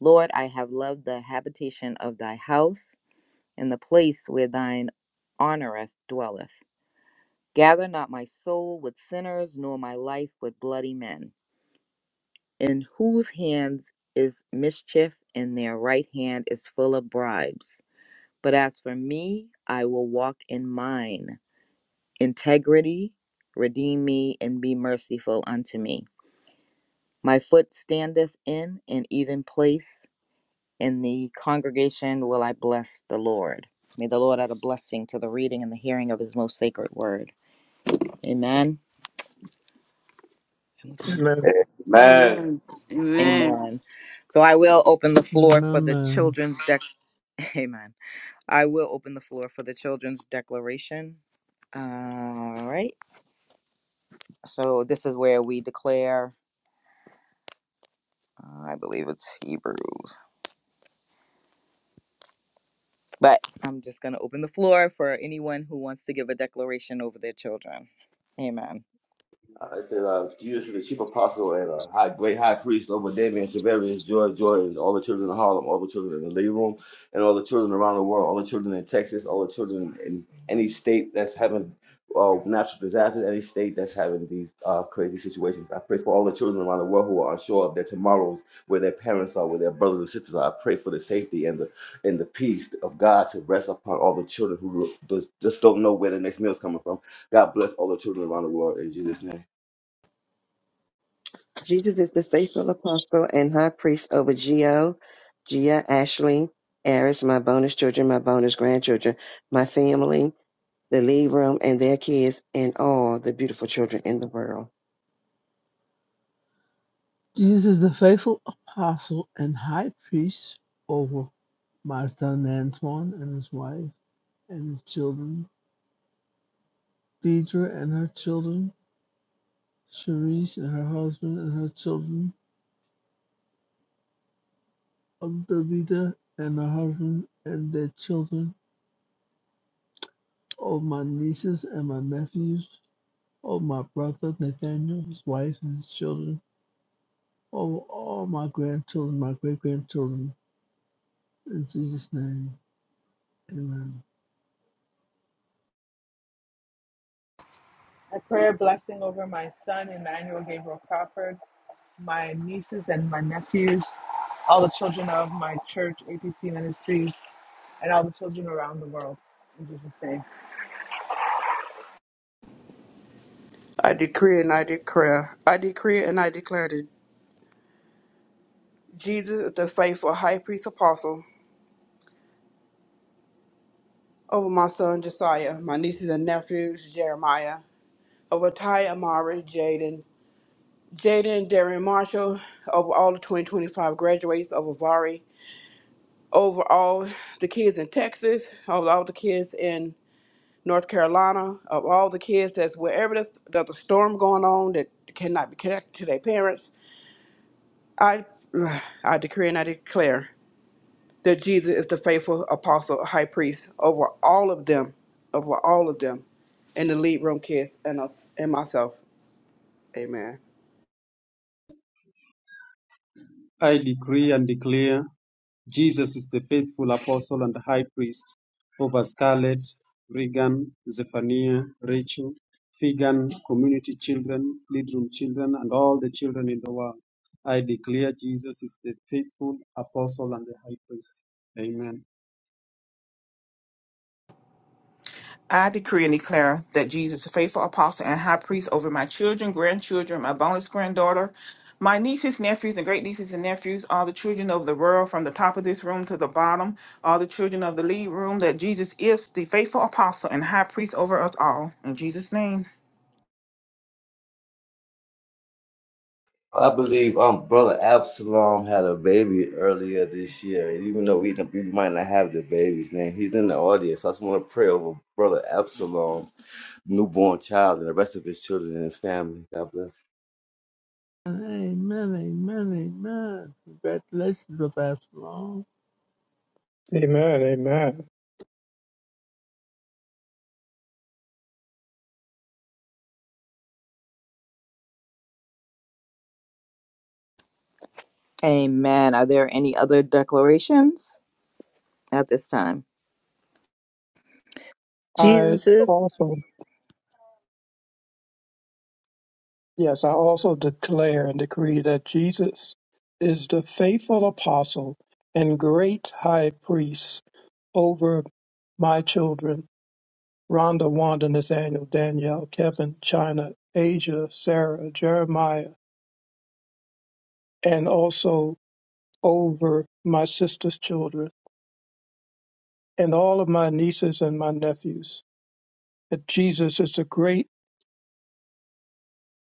S16: Lord, I have loved the habitation of thy house, and the place where thine honoureth dwelleth. Gather not my soul with sinners, nor my life with bloody men, in whose hands is mischief, and their right hand is full of bribes. But as for me, I will walk in mine integrity, redeem me, and be merciful unto me. My foot standeth in an even place In the congregation will I bless the Lord. May the Lord add a blessing to the reading and the hearing of his most sacred word. Amen.
S15: Amen.
S9: Amen.
S17: Amen. Amen.
S16: Amen. So I will open the floor for the
S3: Remember,
S16: children's dec. Amen. I will open the floor for the children's declaration. All right. So this is where we declare, uh, I believe it's Hebrews, but I'm just going to open the floor for anyone who wants to give a declaration over their children. Amen.
S9: Uh, it says, uh, Jesus the chief apostle and uh, high, great high priest over Damien, Severius, Joy, Joy, and all the children of Harlem, all the children in the living room, and all the children around the world, all the children in Texas, all the children in any state that's having uh, natural disasters, any state that's having these uh, crazy situations. I pray for all the children around the world who are unsure of their tomorrows, where their parents are, where their brothers and sisters are. I pray for the safety and the and the peace of God to rest upon all the children who just don't know where the next meal is coming from. God bless all the children around the world in Jesus' name.
S18: Jesus is the faithful apostle and high priest over Gio, Gia, Ashley, Aris, my bonus children, my bonus grandchildren, my family, the lead room, and their kids, and all the beautiful children in the world.
S3: Jesus, the faithful apostle and high priest over my son Antoine and his wife and his children, Deidre and her children, Cherise and her husband and her children, Davida and her husband and their children, all my nieces and my nephews, all my brother Nathaniel, his wife and his children, all, all my grandchildren, my great grandchildren, in Jesus' name. Amen.
S8: A prayer blessing over my son, Emmanuel Gabriel Crawford, my nieces and my nephews, all the children of my church, APC Ministries, and all the children around the world. In Jesus' name.
S12: I decree and I declare, I decree and I declare that Jesus is the faithful high priest apostle over my son Josiah, my nieces and nephews Jeremiah, over Ty Amari, Jaden, Jaden and Darren Marshall, over all the 2025 graduates, over Vari, over all the kids in Texas, over all the kids in North Carolina, of all the kids that's wherever there's, there's a storm going on that cannot be connected to their parents. I, I decree and I declare that Jesus is the faithful apostle, high priest over all of them, over all of them, and the lead room kids and us and myself. Amen.
S14: God. I decree and declare Jesus is the faithful apostle and high priest over Scarlett, Regan, Zephaniah, Rachel, Figan, community children, lead room children, and all the children in the world. I declare Jesus is the faithful apostle and the high priest. Amen.
S1: I decree and declare that Jesus, is faithful apostle and high priest over my children, grandchildren, my bonus granddaughter, my nieces, nephews, and great nieces and nephews, all the children of the world from the top of this room to the bottom, all the children of the lead room, that Jesus is the faithful apostle and high priest over us all. In Jesus' name.
S9: I believe um brother Absalom had a baby earlier this year. And even though we, we might not have the baby's name, he's in the audience. So I just want to pray over brother Absalom, newborn child, and the rest of his children and his family. God bless.
S3: Amen. Amen. Amen. Congratulations, Papa Shalom.
S15: Amen. Amen.
S16: Amen. Are there any other declarations at this time?
S15: I
S4: Jesus
S15: also Yes, I also declare and decree that Jesus is the faithful apostle and great high priest over my children, Rhonda, Wanda, Nathaniel, Danielle, Kevin, China, Asia, Sarah, Jeremiah, and also over my sister's children and all of my nieces and my nephews. That Jesus is the great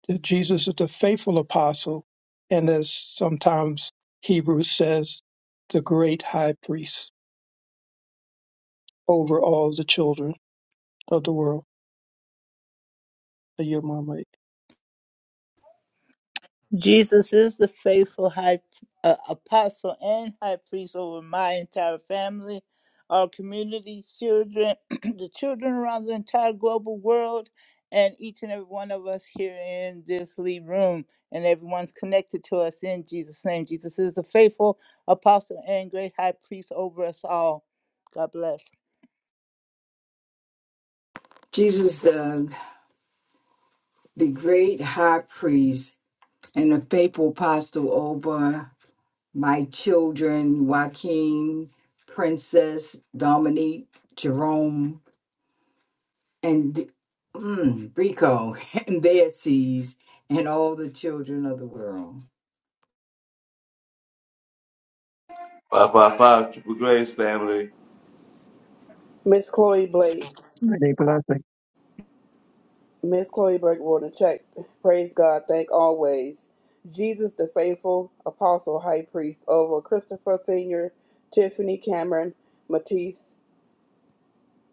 S15: that Jesus is the faithful apostle, and as sometimes Hebrews says, the great high priest over all the children of the world. I yield my mic.
S4: Jesus is the faithful high uh, apostle and high priest over my entire family, our community, children, the children around the entire global world, and each and every one of us here in this lead room, and everyone's connected to us in Jesus' name. Jesus is the faithful apostle and great high priest over us all. God bless.
S7: Jesus, the, the great high priest and the faithful apostle over. my children, Joaquin, Princess, Dominique, Jerome, and mm, Rico, and their seeds, and all the children of the world.
S9: Five five five triple grace family.
S12: Miss Chloe Blake,
S15: Many blessings.
S12: Miss Chloe Blake wrote a check. Praise God, thank always. Jesus the faithful apostle high priest over Christopher Sr., Tiffany Cameron, Matisse,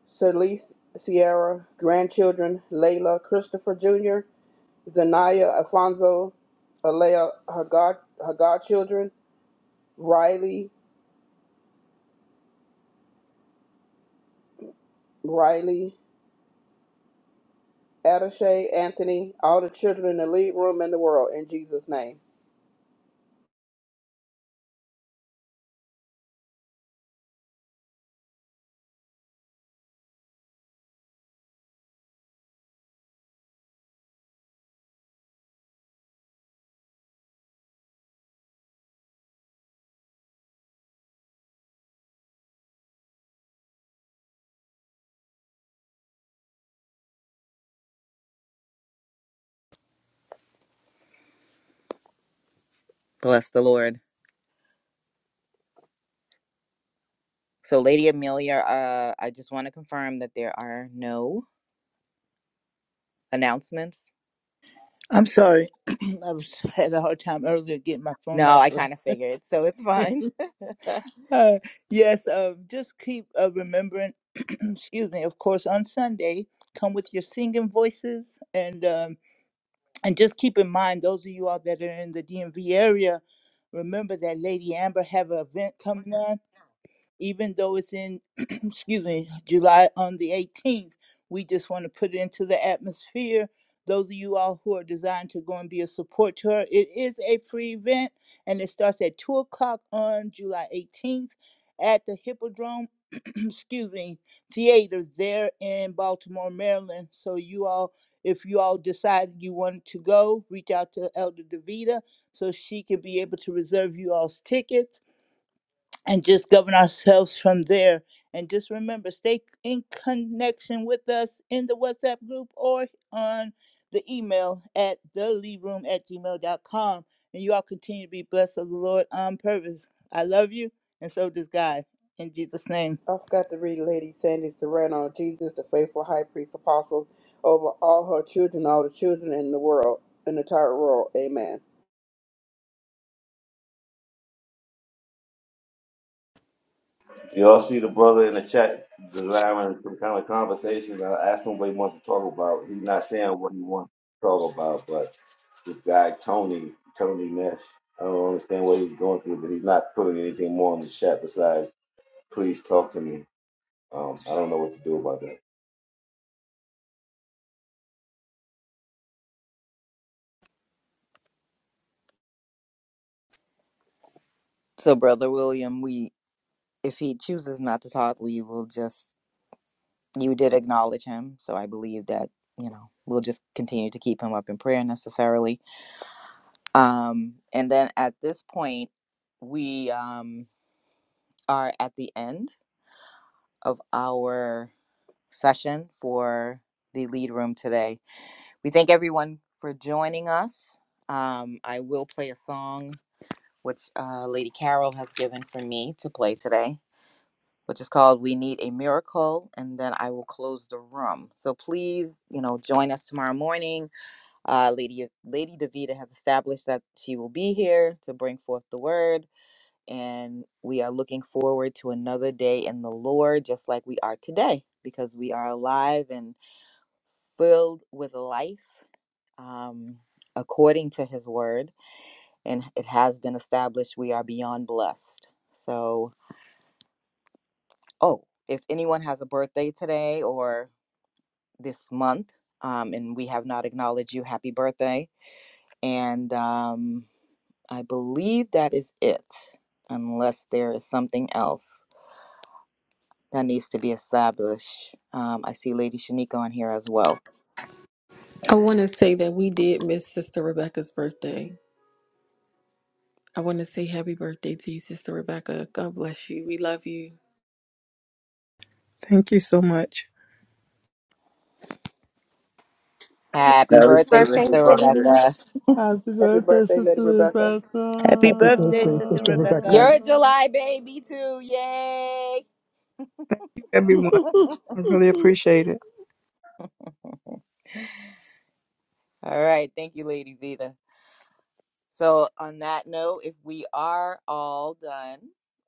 S12: Celise Sierra, grandchildren, Layla, Christopher Jr., Zanaya Alfonso, Alea, her god her godchildren, Riley, Riley, Attache, Anthony, all the children in the lead room and the world, in Jesus' name.
S16: Bless the Lord. So, Lady Amelia, uh, I just want to confirm that there are no announcements.
S4: I'm sorry, I was, had a hard time earlier getting my phone
S16: No,
S4: off.
S16: I kind of figured, so it's fine.
S4: Uh, yes, uh, just keep uh, remembering, excuse me, of course, on Sunday, come with your singing voices. And, um, and just keep in mind, those of you all that are in the DMV area, remember that Lady Amber have an event coming on even though it's in, excuse me, July on the 18th, we just want to put it into the atmosphere. Those of you all who are designed to go and be a support to her, it is a free event and it starts at 2 o'clock on July 18th at the Hippodrome, excuse me, Theater there in Baltimore, Maryland. So, you all, if you all decide you want to go, reach out to Elder DeVita so she can be able to reserve you all's tickets and just govern ourselves from there. And just remember, stay in connection with us in the WhatsApp group or on the email at theleaveroom at gmail dot com. And you all continue to be blessed of the Lord on purpose. I love you, and so does God. In Jesus' name.
S12: I forgot to read Lady Sandy Serrano, Jesus, the faithful high priest apostle, over all her children, all the children in the world, in the entire world. Amen.
S9: You all see the brother in the chat desiring some kind of conversation. I asked him what he wants to talk about. He's not saying what he wants to talk about, this guy Tony Tony Nash. I don't understand what he's going through, but he's not putting anything more in the chat besides "please talk to me." Um, I don't know what to do about that.
S16: so, Brother William, we if he chooses not to talk, we will just you did acknowledge him. So, I believe that you know we'll just continue to keep him up in prayer necessarily. Um, and then at this point, we um, are at the end of our session for the lead room today. We thank everyone for joining us. Um, I will play a song which uh, Lady Carol has given for me to play today, which is called We Need a Miracle, and then I will close the room. So please, you know, join us tomorrow morning. Uh, Lady, Lady DeVita has established that she will be here to bring forth the word, and we are looking forward to another day in the Lord, just like we are today, because we are alive and filled with life um, according to his word. And it has been established we are beyond blessed. So, oh, if anyone has a birthday today or this month, um, and we have not acknowledged you, happy birthday. And um, I believe that is it, unless there is something else that needs to be established. Um, I see Lady Shanika on here as well.
S2: I want to say that we did miss Sister Rebecca's birthday. I want to say happy birthday to you, Sister Rebecca. God bless you. We love you.
S6: Thank you so much,
S16: Happy
S19: Happy
S9: Happy
S16: birthday,
S19: birthday,
S9: belated
S16: Sister
S9: birthday.
S16: Rebecca.
S19: Dennis.
S3: Happy
S12: Happy
S3: birthday,
S12: birthday,
S3: Sister
S12: Lady Rebecca.
S3: Rebecca.
S4: Happy
S15: Happy
S4: birthday,
S15: birthday,
S4: Sister
S15: Sister Rebecca.
S4: Rebecca.
S16: You're a July baby too. Yay.
S6: everyone. I really appreciate it.
S16: All right. Thank you, Lady Vita. So on that note, if we are all done,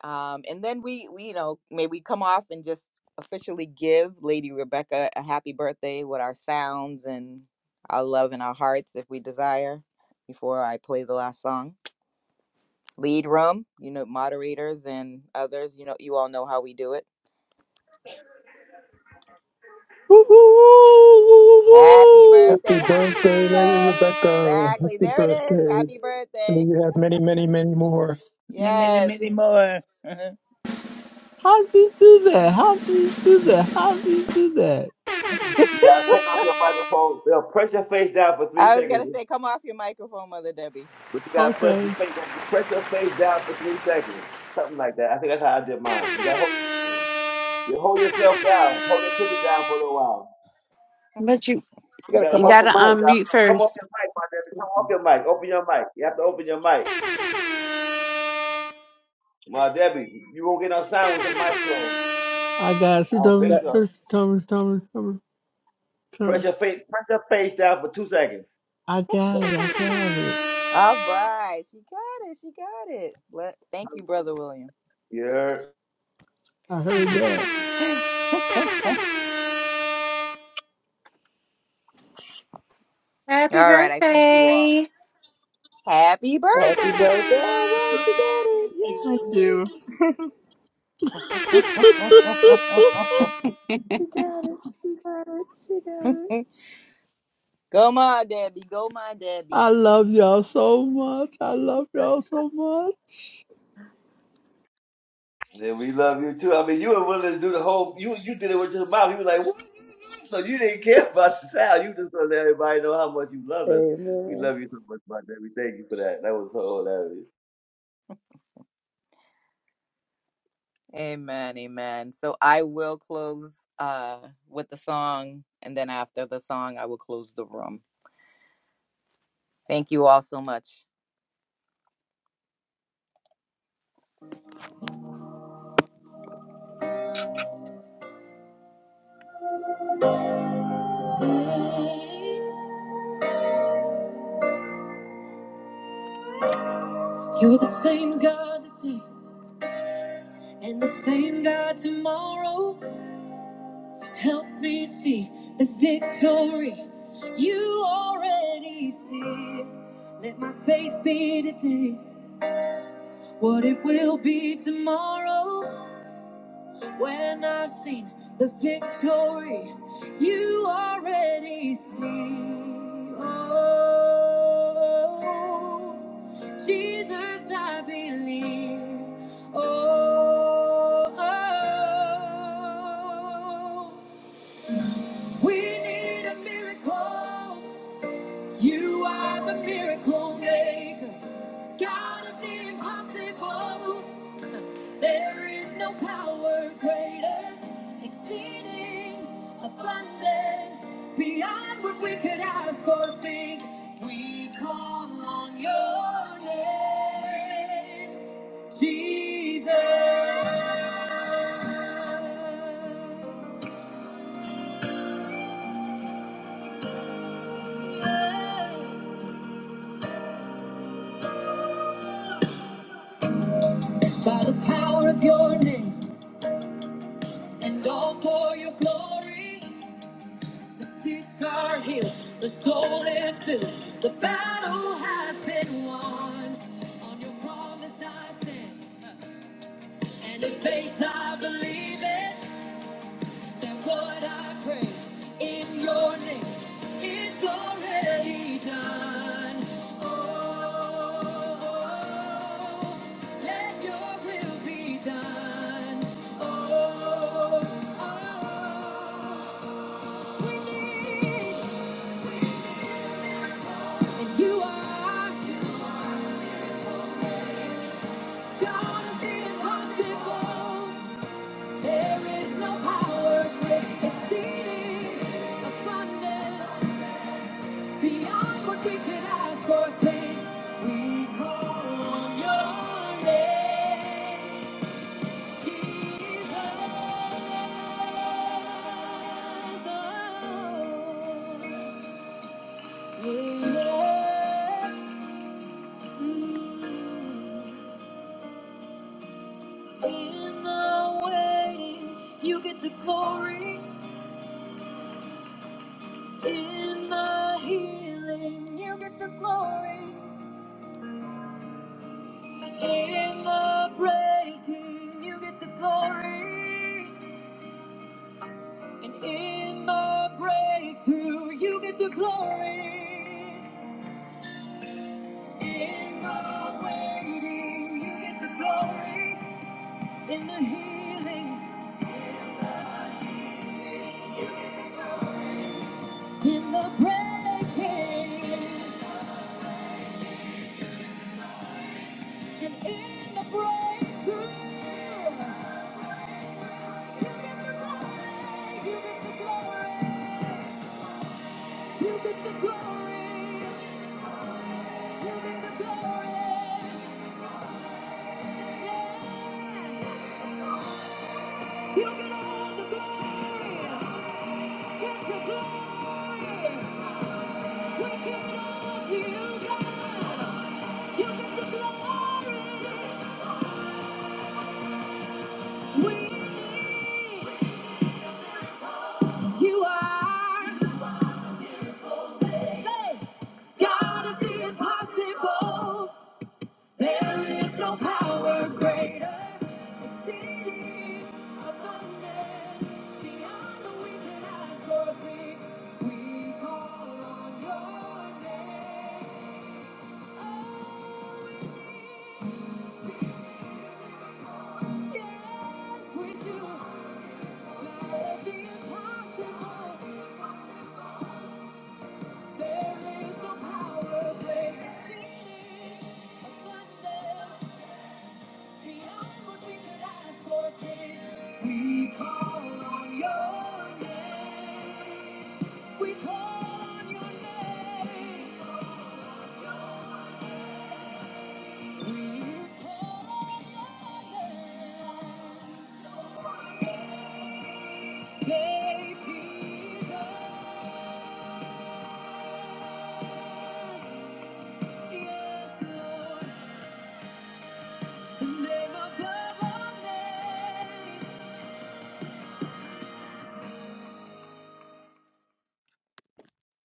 S16: um, and then we, we, you know, may we come off and just officially give Lady Rebecca a happy birthday with our sounds and our love and our hearts if we desire before I play the last song. Lead room, you know, moderators and others, you know, you all know how we do it. Happy
S15: Happy
S16: birthday. Happy
S15: birthday, Lady
S16: birthday.
S15: Rebecca.
S16: Exactly.
S15: Happy
S16: There it is.
S15: birthday.
S16: Happy birthday.
S15: And you have many, many, many more.
S4: Many, many,
S16: Yes.
S4: many more.
S3: How do you do that? How do you do that? How do you do that?
S9: You gotta take off your microphone. They'll press your face down for three
S16: I was going to
S9: seconds,
S16: say, come off your microphone, Mother Debbie.
S9: but you gotta press your
S3: Okay.
S9: face down. press your face down for three seconds, something like that. I think that's how I did mine. You gotta hold, you hold yourself down, hold your picture down for a little while.
S19: But you
S12: You got
S9: You
S12: to
S9: gotta
S12: come
S19: you
S9: hold
S12: up with
S19: gotta
S9: your picture
S12: Mike.
S9: down.
S19: unmute
S9: Come off
S19: first.
S9: your mic, my baby. Come off your mic. Open your mic. You have to open your mic. My Debbie, you won't get no sign with your mic closed.
S3: I got it.
S9: I
S3: She
S9: don't
S3: told
S9: think
S12: Yeah.
S3: me, she
S9: so.
S3: told me, she told me, she told me. she told
S9: Press
S3: me.
S9: your face, press your face down for two seconds.
S3: I got it. I got it.
S16: All right. She got it. She got it. Let- thank you, Brother William.
S9: Yeah,
S3: I
S16: all
S3: heard that.
S19: Happy
S16: right. I thank you all.
S19: birthday.
S16: Happy
S12: Happy birthday.
S16: birthday.
S12: All right,
S6: Thank
S12: you got
S6: you.
S12: it. Yay. She got it. She got it. She got it.
S16: Go, Ma Debbie. Go, Ma Debbie.
S3: I love y'all so much. I love y'all so much.
S9: and we love you too. I mean, you were willing to do the whole. You you did it with your mouth. You were like, what? so you didn't care about the sound. You just gonna let everybody know how much you love us. We
S12: Amen.
S9: love you so much, my Debbie. Thank you for that. That was so hilarious.
S16: Amen. Amen. So I will close uh, with the song. And then after the song, I will close the room. Thank you all so much. Hey, You're the same God today and the same God tomorrow. Help me see the victory you already see. Let my faith be today what it will be tomorrow. When I've the victory you already see. Oh, Jesus, I believe. Oh, oh, we need a miracle. You are the miracle maker, God of the impossible. There is no power greater, exceeding abundant, beyond what we could ask or think. We call on your name, Jesus. By the power of your name. and all for your glory. The sick are healed, the soul is filled, the battle has been won. On your promise I stand, huh. and in faith I believe it. That what I pray in your name, it's already done. Oh, let your will be done. Oh, oh, oh. And you are God of the impossible. There is no power great exceeding abundance beyond what we can ask or think. We call on your name, Jesus. Oh. Yeah. In the waiting, you get the glory. In the healing, you get the glory. In the breaking, you get the glory. And in the breakthrough, you get the glory. In the waiting, you get the glory. In the healing, In the breaking and in the breakthrough, you get the glory, you get the glory, you get the glory, you get the glory, yeah. You get all the glory, get your glory. We give it all to you, God. You get the glory. We need you are. Say, gotta be impossible. There is no power greater. Exceeding abundant, beyond what we can ask or think. We call on your name. Oh, we yes, we do. Let it be impossible. We call on your name. We call on your name. We call on your name. Say Jesus. Yes, Lord.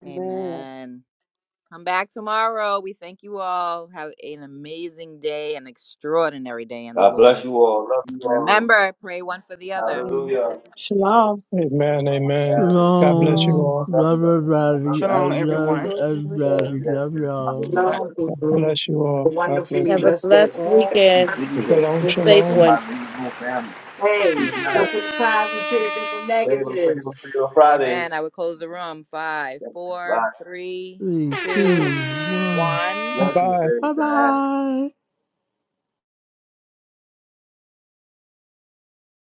S12: Amen.
S16: Amen. Come back tomorrow. We thank you all. Have an amazing day, an extraordinary day in the
S9: God bless
S16: Lord.
S9: you all. Love you
S16: And
S9: all.
S16: remember, pray one for the other.
S9: Hallelujah. Love
S11: Shalom.
S15: Amen. Amen.
S9: you.
S15: God bless you
S12: Long,
S3: Shalom.
S15: all.
S9: I love you.
S3: Love
S9: I love you. I love
S3: everybody.
S9: you.
S3: I
S1: Shalom,
S3: love
S1: everyone.
S12: short, ordinary day.
S9: all.
S3: everybody.
S9: Yes,
S3: Love
S9: yes.
S3: y'all.
S9: Hallelujah.
S7: Lord, we do
S15: Bless you
S7: a
S15: all. God bless
S7: wonderfully
S17: Have a
S15: you.
S7: blessed day
S17: blessed
S7: on
S9: Thank you,
S17: weekend.
S9: Jesus.
S7: purpose.
S15: Shalom,
S17: A
S9: Thank you
S17: safe
S9: for
S15: shalom.
S9: my
S17: one.
S9: lead home family. Be
S7: Hey, look
S9: blessed.
S7: for the positives and the
S9: Favor,
S7: negatives.
S9: favor, favor Friday.
S16: Amen. I would close the room. Five, four, three,
S3: Three,
S16: two,
S3: two, one.
S16: one.
S9: Blessings,
S15: Bye.
S3: Bye
S9: Diane.
S3: bye.